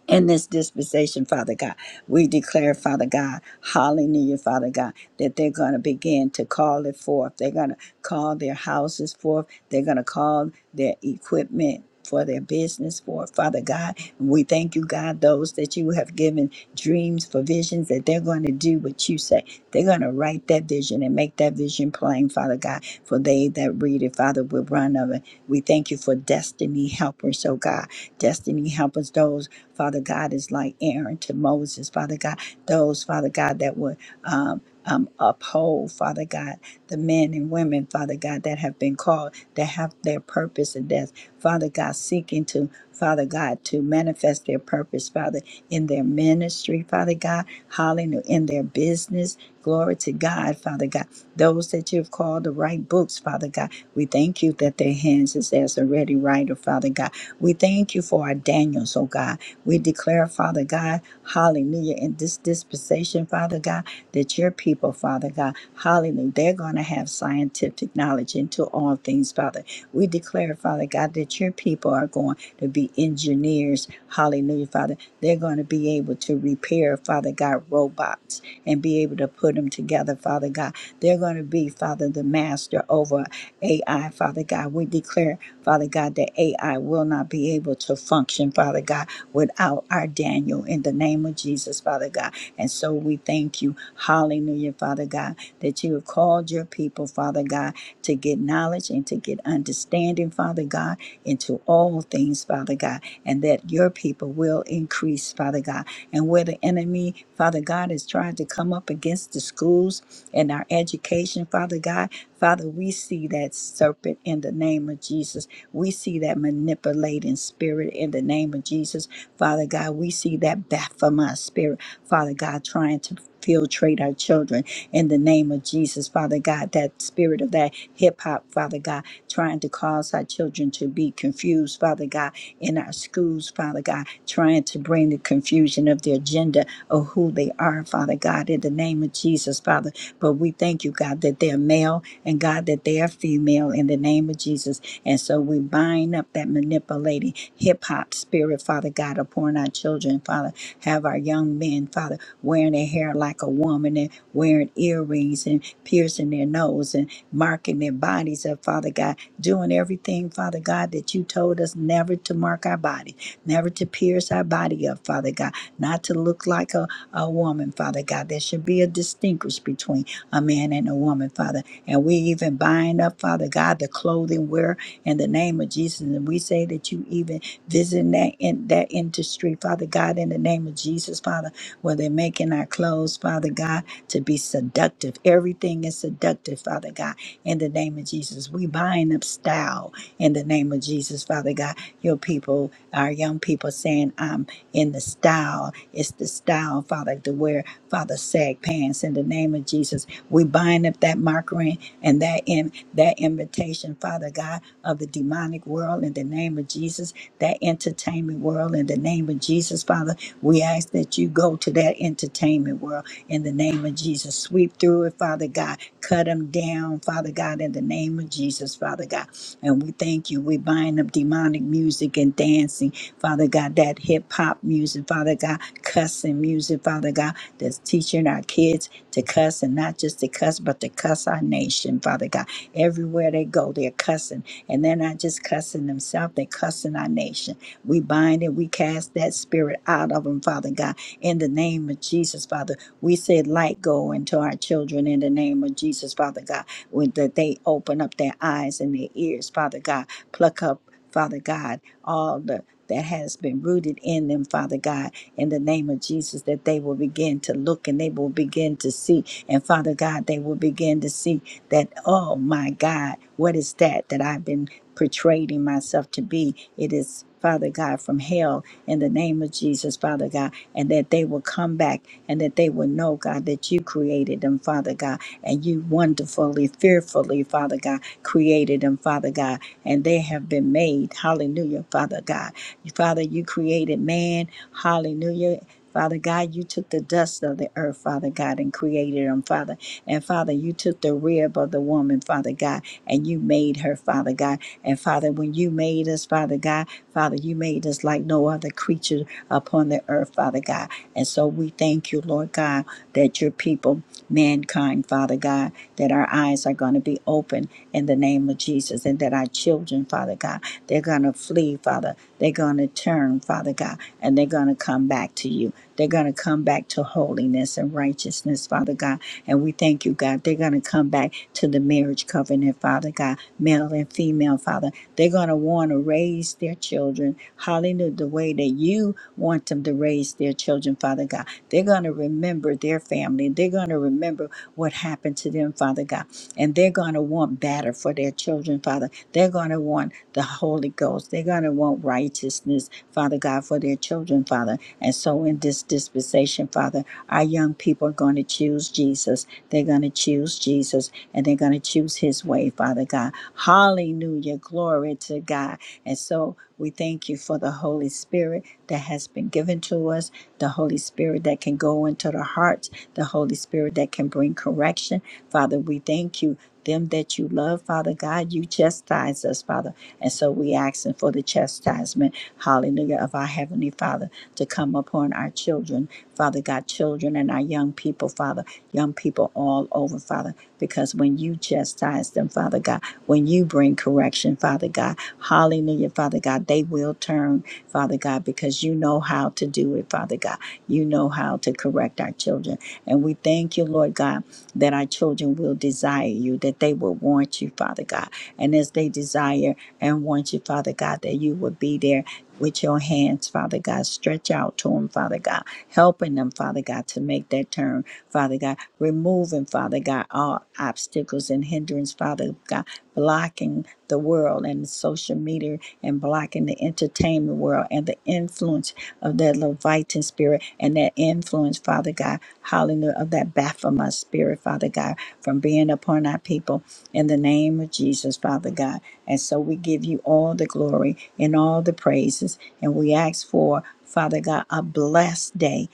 in this dispensation, Father God. We declare, Father God, hallelujah, Father God, that they're going to begin to call it forth. They're going to call their houses forth. They're going to call their equipment for their business forth, Father God. We thank you, God, those that you have given dreams for visions that they're going to do what you say. They're going to write that vision and make that vision plain, Father God, for they that read it, Father, will run of it. We thank you for destiny helpers, oh God. Destiny helpers, those Father God, is like Aaron to Moses, Father God, those, Father God, that would um, um, uphold, Father God, the men and women, Father God, that have been called, that have their purpose and death, Father God, seeking to, Father God, to manifest their purpose, Father, in their ministry, Father God, hallelujah, in their business. Glory to God, Father God. Those that you've called to write books, Father God, we thank you that their hands is as a ready writer, Father God. We thank you for our Daniels, oh God. We declare, Father God, hallelujah, in this dispensation, Father God, that your people, Father God, hallelujah, they're going to have scientific knowledge into all things, Father. We declare, Father God, that your people are going to be engineers, hallelujah, Father. They're going to be able to repair, Father God, robots and be able to put them together, Father God. They're going to be, Father, the master over AI, Father God. We declare, Father God, that AI will not be able to function, Father God without our Daniel in the name of Jesus, Father God. And so we thank you, hallelujah, Father God, that you have called your people, Father God, to get knowledge and to get understanding, Father God, into all things, Father God, and that your people will increase, Father God. And where the enemy, Father God, is trying to come up against the schools and our education, Father God, Father, we see that serpent in the name of Jesus. We see that manipulating spirit in the name of Jesus. Father God, we see that Baphomet spirit, Father God, trying to filtrate our children in the name of Jesus, Father God, that spirit of that hip hop, Father God, trying to cause our children to be confused, Father God, in our schools, Father God, trying to bring the confusion of their gender of who they are, Father God, in the name of Jesus, Father. But we thank you, God, that they're male and God, that they are female in the name of Jesus. And so we bind up that manipulating hip hop spirit, Father God, upon our children, Father. Have our young men, Father, wearing their hair like a woman and wearing earrings and piercing their nose and marking their bodies up, Father God, doing everything, Father God, that you told us never to mark our body, never to pierce our body up, Father God, not to look like a, a woman, Father God. There should be a distinguish between a man and a woman, Father. And we even bind up, Father God, the clothing wear in the name of Jesus. And we say that you even visit that in that industry, Father God, in the name of Jesus, Father, where they're making our clothes, Father God, to be seductive. Everything is seductive, Father God, in the name of Jesus. We buying up style in the name of Jesus, Father God. Your people, our young people saying, I'm in the style. It's the style, Father, to wear, Father, sag pants in the name of Jesus. We bind up that mockery and that in that invitation, Father God, of the demonic world in the name of Jesus, that entertainment world in the name of Jesus, Father. We ask that you go to that entertainment world in the name of Jesus. Sweep through it, Father God. Cut them down, Father God, in the name of Jesus, Father God. And we thank you. We bind up demonic music and dancing Father God, that hip hop music, Father God, cussing music, Father God, that's teaching our kids to cuss and not just to cuss, but to cuss our nation, Father God. Everywhere they go, they're cussing. And they're not just cussing themselves, they're cussing our nation. We bind and we cast that spirit out of them, Father God, in the name of Jesus, Father. We say light go into our children in the name of Jesus, Father God, with that they open up their eyes and their ears, Father God. Pluck up, Father God. all the that has been rooted in them, Father God, in the name of Jesus, that they will begin to look and they will begin to see. And Father God, they will begin to see that, oh my God, what is that that I've been portraying myself to be? It is. Father God, from hell in the name of Jesus, Father God, and that they will come back and that they will know, God, that you created them, Father God, and you wonderfully, fearfully, Father God, created them, Father God, and they have been made, hallelujah, Father God, Father, you created man. Hallelujah. Father God, you took the dust of the earth, Father God, and created him, Father. And Father, you took the rib of the woman, Father God, and you made her, Father God. And Father, when you made us, Father God, Father, you made us like no other creature upon the earth, Father God. And so we thank you, Lord God, that your people, mankind, Father God, that our eyes are going to be open in the name of Jesus, and that our children, Father God, they're going to flee, Father. They're going to turn, Father God, and they're going to come back to you. They're going to come back to holiness and righteousness, Father God and we thank you, God. They're going to come back to the marriage covenant, Father God, male and female, Father. They're going to want to raise their children, hallelujah, the way that you want them to raise their children, Father God. They're going to remember their family. They're going to remember what happened to them, Father God. And they're going to want better for their children, Father. They're going to want the Holy Ghost. They're going to want righteousness, Father God, for their children, Father. And so in this dispensation, Father, our young people are going to choose Jesus. They're going to choose Jesus and they're going to choose his way, Father God. Hallelujah. Glory to God. And so we thank you for the Holy Spirit that has been given to us, the Holy Spirit that can go into the hearts, the Holy Spirit that can bring correction. Father, we thank you. Them that you love, Father God, you chastise us, Father. And so we asking for the chastisement, hallelujah, of our Heavenly Father to come upon our children Father God, children and our young people, Father, young people all over, Father, because when you chastise them, Father God, when you bring correction, Father God, hallelujah, Father God, they will turn, Father God, because you know how to do it, Father God. You know how to correct our children. And we thank you, Lord God, that our children will desire you, that they will want you, Father God. And as they desire and want you, Father God, that you will be there with your hands, Father God. Stretch out to them, Father God. Helping them, Father God, to make that turn, Father God. Removing, Father God, all obstacles and hindrance, Father God. Blocking the world and the social media and blocking the entertainment world and the influence of that Leviathan spirit and that influence, Father God. Hallelujah, of that Baphomet spirit, Father God, from being upon our people in the name of Jesus, Father God. And so we give you all the glory and all the praises. And we ask for, Father God, a blessed day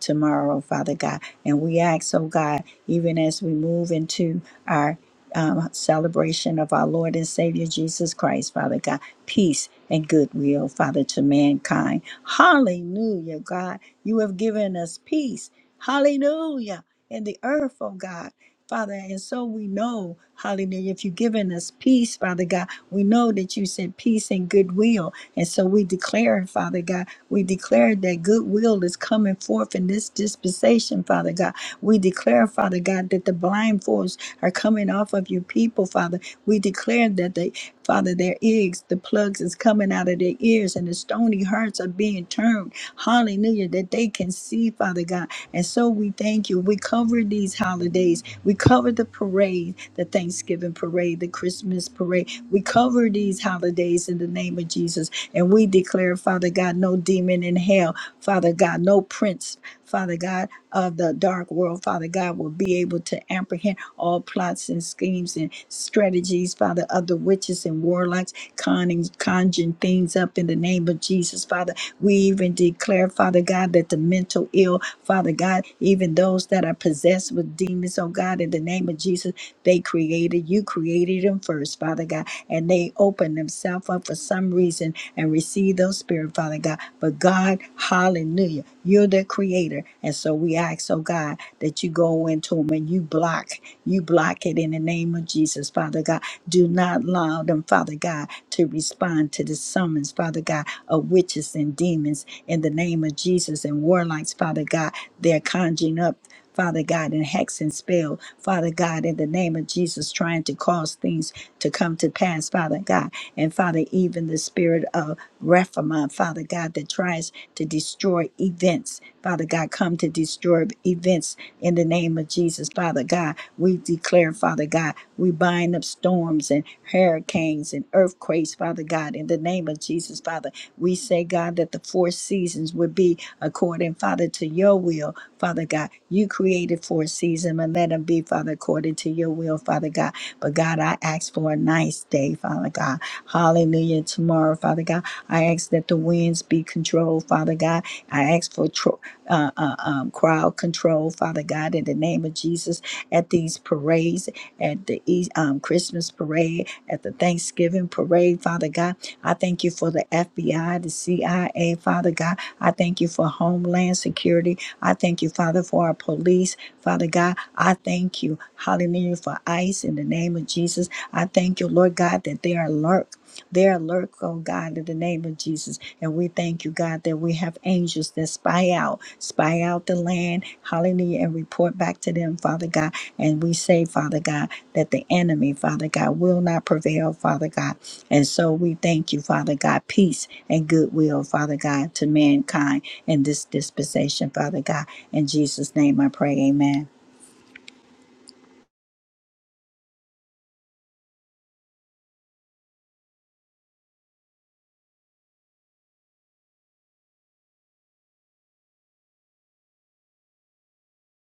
tomorrow, Father God. And we ask, oh God, even as we move into our um, celebration of our Lord and Savior Jesus Christ, Father God, peace and goodwill, Father, to mankind. Hallelujah, God. You have given us peace. Hallelujah. In the earth, oh God. Father, and so we know, hallelujah, if you've given us peace, Father God, we know that you said peace and goodwill. And so we declare, Father God, we declare that goodwill is coming forth in this dispensation, Father God. We declare, Father God, that the blindfolds are coming off of your people, Father. We declare that they, Father, their ears, the plugs is coming out of their ears and the stony hearts are being turned. Hallelujah, that they can see, Father God. And so we thank you. We cover these holidays. We cover the parade, the Thanksgiving parade, the Christmas parade. We cover these holidays in the name of Jesus. And we declare, Father God, no demon in hell, Father God, no prince, Father God, of the dark world, Father God, will be able to apprehend all plots and schemes and strategies, Father, of the witches and warlocks, conning, conjuring things up in the name of Jesus, Father. We even declare, Father God, that the mental ill, Father God, even those that are possessed with demons, oh God, in the name of Jesus, they created, you created them first, Father God, and they open themselves up for some reason and receive those spirit, Father God. But God, hallelujah, you're the creator. And so we ask, oh God, that you go into them and you block, you block it in the name of Jesus, Father God do not allow them, Father God, to respond to the summons, Father God, of witches and demons in the name of Jesus and warlocks, Father God. They're conjuring up Father God, in hex and spell, Father God, in the name of Jesus, trying to cause things to come to pass, Father God. And Father, even the spirit of Rephamon, Father God, that tries to destroy events, Father God, come to destroy events in the name of Jesus, Father God. We declare, Father God, we bind up storms and hurricanes and earthquakes, Father God, in the name of Jesus, Father. We say, God, that the four seasons would be according, Father, to your will, Father God. You created for a season, and let them be, Father, according to your will, Father God. But God, I ask for a nice day, Father God. Hallelujah. Tomorrow, Father God, I ask that the winds be controlled, Father God. I ask for tro- uh, uh, um, crowd control, Father God, in the name of Jesus, at these parades, at the E- um, Christmas parade, at the Thanksgiving parade, Father God. I thank you for the FBI, the CIA, Father God. I thank you for Homeland Security. I thank you, Father, for our police. Father God, I thank you, hallelujah, for ICE in the name of Jesus. I thank you, Lord God, that they are alert. They're alert, oh God, in the name of Jesus. And we thank you, God, that we have angels that spy out, spy out the land, hallelujah, and report back to them, Father God. And we say, Father God, that the enemy, Father God, will not prevail, Father God. And so we thank you, Father God, peace and goodwill, Father God, to mankind in this dispensation, Father God. In Jesus' name I pray, amen.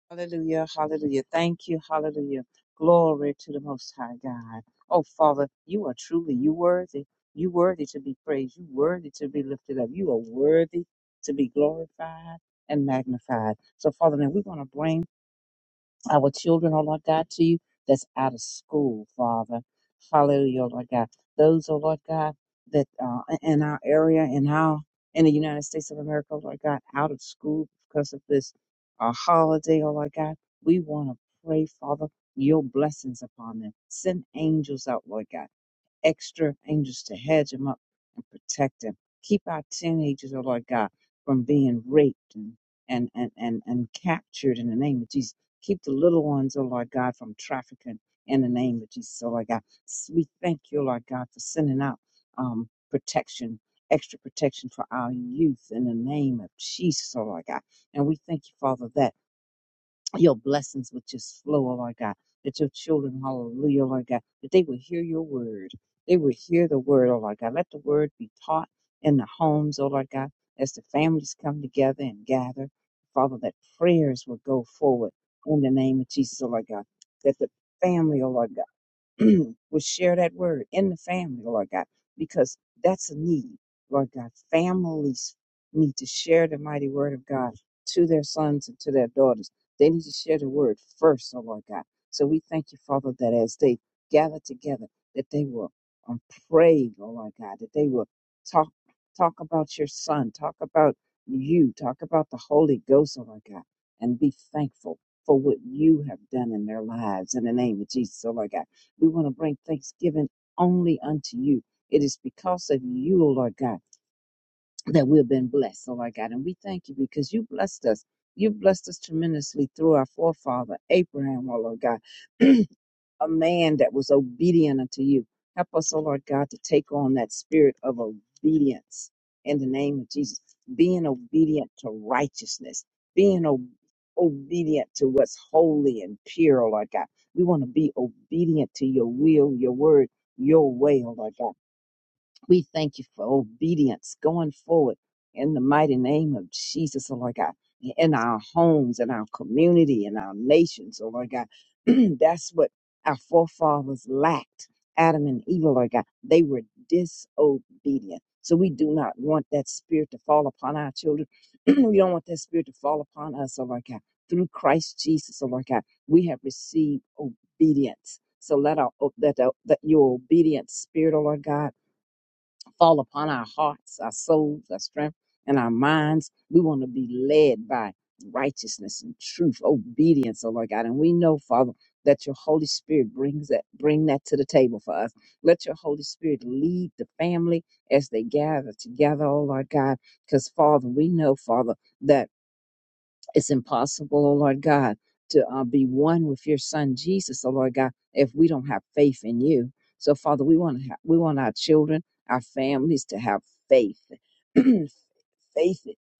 Hallelujah, hallelujah. Thank you, hallelujah. Glory to the Most High God. Oh, Father, you are truly, you worthy. You worthy to be praised. You worthy to be lifted up. You are worthy to be glorified and magnified. So, Father, now we're going to bring our children, oh Lord God, to you that's out of school, Father. Hallelujah, oh Lord God. Those, oh Lord God, that uh, in our area in our in the United States of America, oh Lord God, out of school because of this uh, holiday, oh Lord God, we want to pray, Father, your blessings upon them. Send angels out, Lord God extra angels to hedge him up and protect him. Keep our teenagers, oh Lord God, from being raped and, and, and, and, and captured in the name of Jesus. Keep the little ones, oh Lord God, from trafficking in the name of Jesus, oh Lord God. S- We thank you, oh Lord God, for sending out um, protection, extra protection for our youth in the name of Jesus, oh Lord God. And we thank you, Father, that your blessings would just flow, oh Lord God. That your children, hallelujah, oh Lord God, that they will hear your word. They will hear the word, oh Lord God. Let the word be taught in the homes, oh Lord God, as the families come together and gather. Father, that prayers will go forward in the name of Jesus, oh Lord God. That the family, oh Lord God. will share that word in the family, Lord God, because that's a need, Lord God. Families need to share the mighty word of God to their sons and to their daughters. They need to share the word first, oh Lord God. So we thank you, Father, that as they gather together, that they will um, pray, oh Lord God, that they will talk talk about your son, talk about you, talk about the Holy Ghost, oh Lord God, and be thankful for what you have done in their lives in the name of Jesus, oh Lord God we want to bring thanksgiving only unto you. It is because of you, O Lord God, that we've been blessed, O Lord God. And we thank you because you blessed us. You blessed us tremendously through our forefather, Abraham, O Lord God. a man that was obedient unto you. Help us, oh Lord God, to take on that spirit of obedience in the name of Jesus. Being obedient to righteousness, being o- obedient to what's holy and pure, oh Lord God. We want to be obedient to your will, your word, your way, oh Lord God. We thank you for obedience going forward in the mighty name of Jesus, oh Lord God, in our homes, in our community, in our nations, oh Lord God. That's what our forefathers lacked. Adam and Eve, oh Lord God, they were disobedient. So we do not want that spirit to fall upon our children. we don't want that spirit to fall upon us, oh Lord God. Through Christ Jesus, oh Lord God, we have received obedience. So let our let, our, let your obedient spirit, oh Lord God fall upon our hearts, our souls, our strength, and our minds. We want to be led by righteousness and truth, obedience, oh Lord God. And we know, Father, that your Holy Spirit brings that bring that to the table for us. Let your Holy Spirit lead the family as they gather together, oh Lord God. Because Father, we know, Father, that it's impossible, oh Lord God, to uh, be one with your Son Jesus, oh Lord God, if we don't have faith in you. So, Father, we want to have, we want our children, our families to have faith, faith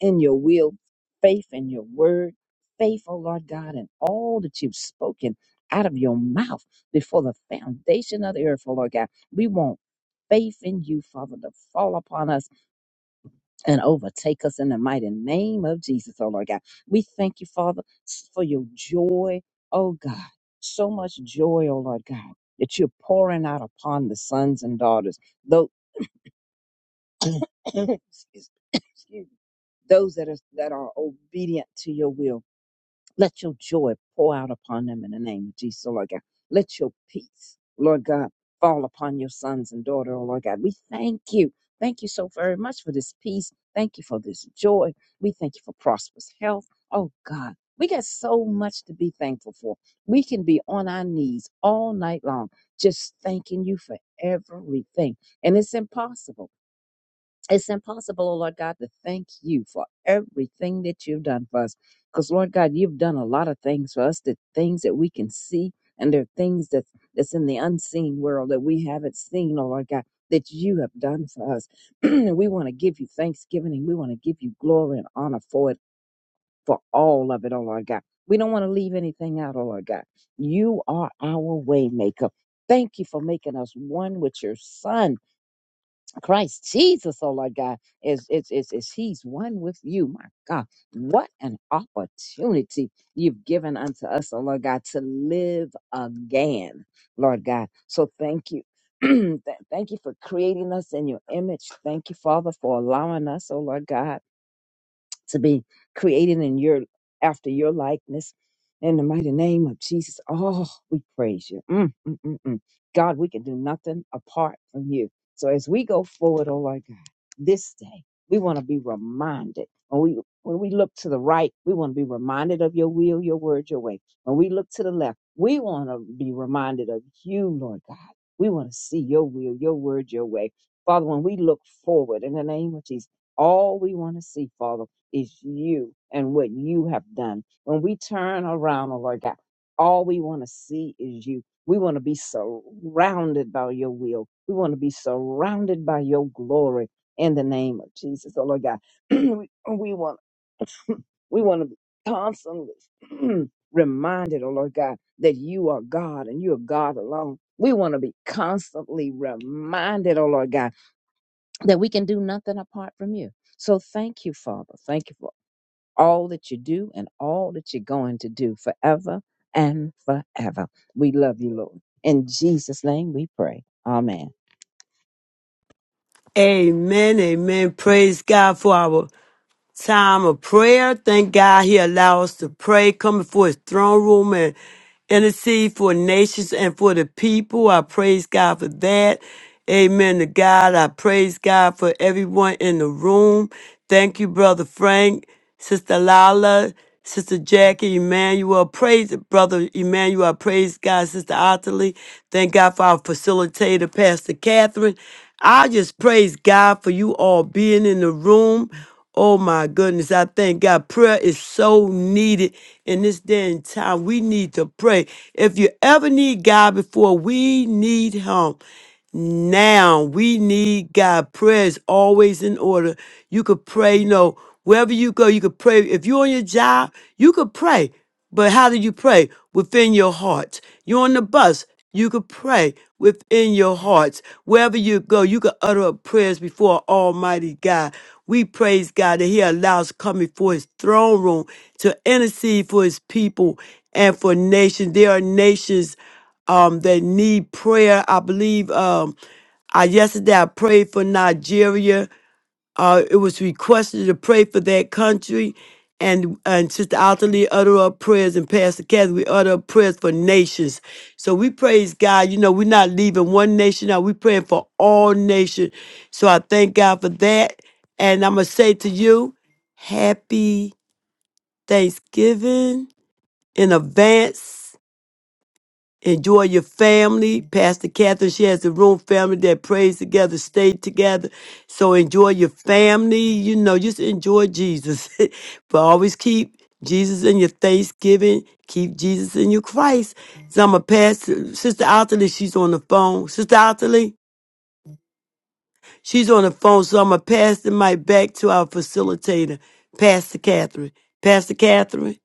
in your will, faith in your word, faith, oh Lord God, in all that you've spoken out of your mouth before the foundation of the earth, oh Lord God. We want faith in you, Father, to fall upon us and overtake us in the mighty name of Jesus, oh Lord God. We thank you, Father, s- for your joy, oh God. So much joy, oh Lord God, that you're pouring out upon the sons and daughters, those, excuse excuse me, those that are, that are obedient to your will let your joy pour out upon them in the name of Jesus, oh Lord God. Let your peace, Lord God, fall upon your sons and daughter, oh Lord God. We thank you. Thank you so very much for this peace. Thank you for this joy. We thank you for prosperous health. Oh God, we got so much to be thankful for. We can be on our knees all night long, just thanking you for everything. And it's impossible. It's impossible, oh Lord God, to thank you for everything that you've done for us. Because Lord God, you've done a lot of things for us, the things that we can see, and there are things that's that's in the unseen world that we haven't seen, oh Lord God, that you have done for us. and we want to give you thanksgiving and we want to give you glory and honor for it, for all of it, oh Lord God. We don't want to leave anything out, oh Lord God. You are our way maker. Thank you for making us one with your son. Christ Jesus, oh Lord God, is is is is He's one with you, my God. What an opportunity you've given unto us, oh Lord God, to live again, Lord God. So thank you. Th- thank you for creating us in your image. Thank you, Father, for allowing us, oh Lord God to be created in your after your likeness. In the mighty name of Jesus, oh, we praise you. Mm, mm, mm, mm. God, we can do nothing apart from you. So as we go forward, oh Lord God, this day, we want to be reminded. When we when we look to the right, we want to be reminded of your will, your word, your way. When we look to the left, we want to be reminded of you, Lord God. We want to see your will, your word, your way. Father, when we look forward in the name of Jesus, all we want to see, Father is you and what you have done. When we turn around, oh Lord God, all we want to see is you. We want to be surrounded by your will. We want to be surrounded by your glory in the name of Jesus. Oh Lord God, we, we want we want to be constantly reminded, oh Lord God, that you are God and you are God alone. We want to be constantly reminded, oh Lord God, that we can do nothing apart from you. So thank you, Father. Thank you for all that you do and all that you're going to do forever and forever. We love you, Lord. In Jesus' name we pray. Amen.
amen, amen. Praise God for our time of prayer. Thank God he allows us to pray, come before his throne room and intercede for nations and for the people. I praise God for that. Amen to God. I praise God for everyone in the room. Thank you, Brother Frank, Sister Lala, Sister Jackie, Emmanuel. Praise Brother Emmanuel. I praise God, Sister Ottilie. Thank God for our facilitator, Pastor Catherine. I just praise God for you all being in the room Oh my goodness, I thank God. Prayer is so needed in this day and time. We need to pray. If you ever need God before, we need Him now we need God. Prayer is always in order. You could pray, you know, wherever you go, you could pray. If you're on your job, you could pray. But how do you pray? Within your heart. You're on the bus, you could pray within your hearts. Wherever you go, you could utter up prayers before Almighty God. We praise God that He allows coming for His throne room to intercede for His people and for nations. There are nations um, that need prayer. I believe um, I yesterday I prayed for Nigeria. Uh, it was requested to pray for that country, and and Sister Alterly utter up prayers, and Pastor Kathy we utter up prayers for nations. So we praise God. You know we're not leaving one nation out. We're praying for all nations. So I thank God for that, and I'm gonna say to you, Happy Thanksgiving in advance. Enjoy your family. Pastor Catherine, she has a room family that prays together, stay together. So enjoy your family. You know, just enjoy Jesus. but always keep Jesus in your Thanksgiving. Keep Jesus in your Christ. So I'm going to pass to Sister Otterly. She's on the phone. Sister Otterly, she's on the phone. So I'm going to pass the mic back to our facilitator, Pastor Catherine. Pastor Catherine.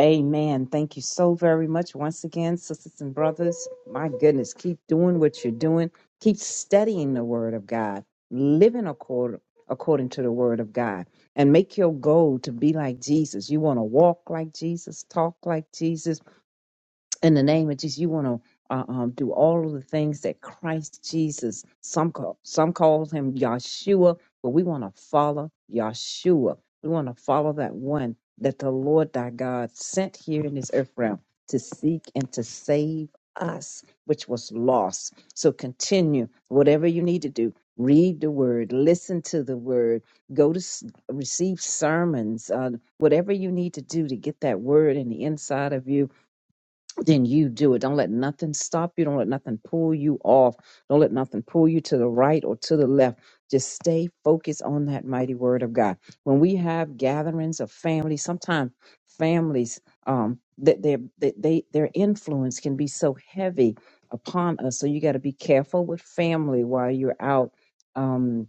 Amen. Thank you so very much once again, sisters and brothers. My goodness, keep doing what you're doing. Keep studying the Word of God, living according, according to the Word of God, and make your goal to be like Jesus. You want to walk like Jesus, talk like Jesus in the name of Jesus, you want to uh, um, do all of the things that Christ Jesus, some call, some call him Yahshua, but we want to follow Yahshua. We want to follow that one that the Lord thy God sent here in this earth realm to seek and to save us, which was lost. So continue whatever you need to do. Read the word, listen to the word, go to s- receive sermons, uh, whatever you need to do to get that word in the inside of you then you do it. Don't let nothing stop you. Don't let nothing pull you off. Don't let nothing pull you to the right or to the left. Just stay focused on that mighty word of God. When we have gatherings of families, sometimes families um, that their that they their influence can be so heavy upon us. So you got to be careful with family while you're out. Um,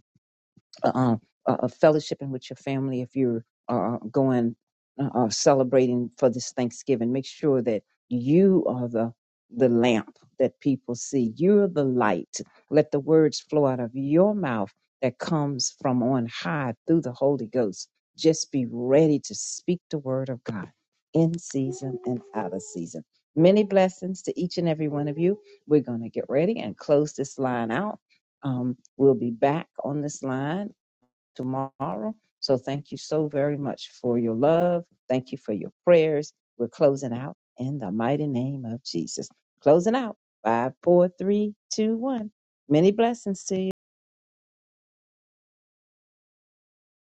uh, uh, fellowshipping with your family if you're uh, uh, going uh, uh, celebrating for this Thanksgiving. Make sure that you are the the lamp that people see. You're the light. Let the words flow out of your mouth that comes from on high through the Holy Ghost. Just be ready to speak the word of God in season and out of season. Many blessings to each and every one of you. We're going to get ready and close this line out. Um, we'll be back on this line tomorrow. So thank you so very much for your love. Thank you for your prayers. We're closing out in the mighty name of Jesus. Closing out. Five, four, three, two, one. Many blessings to you.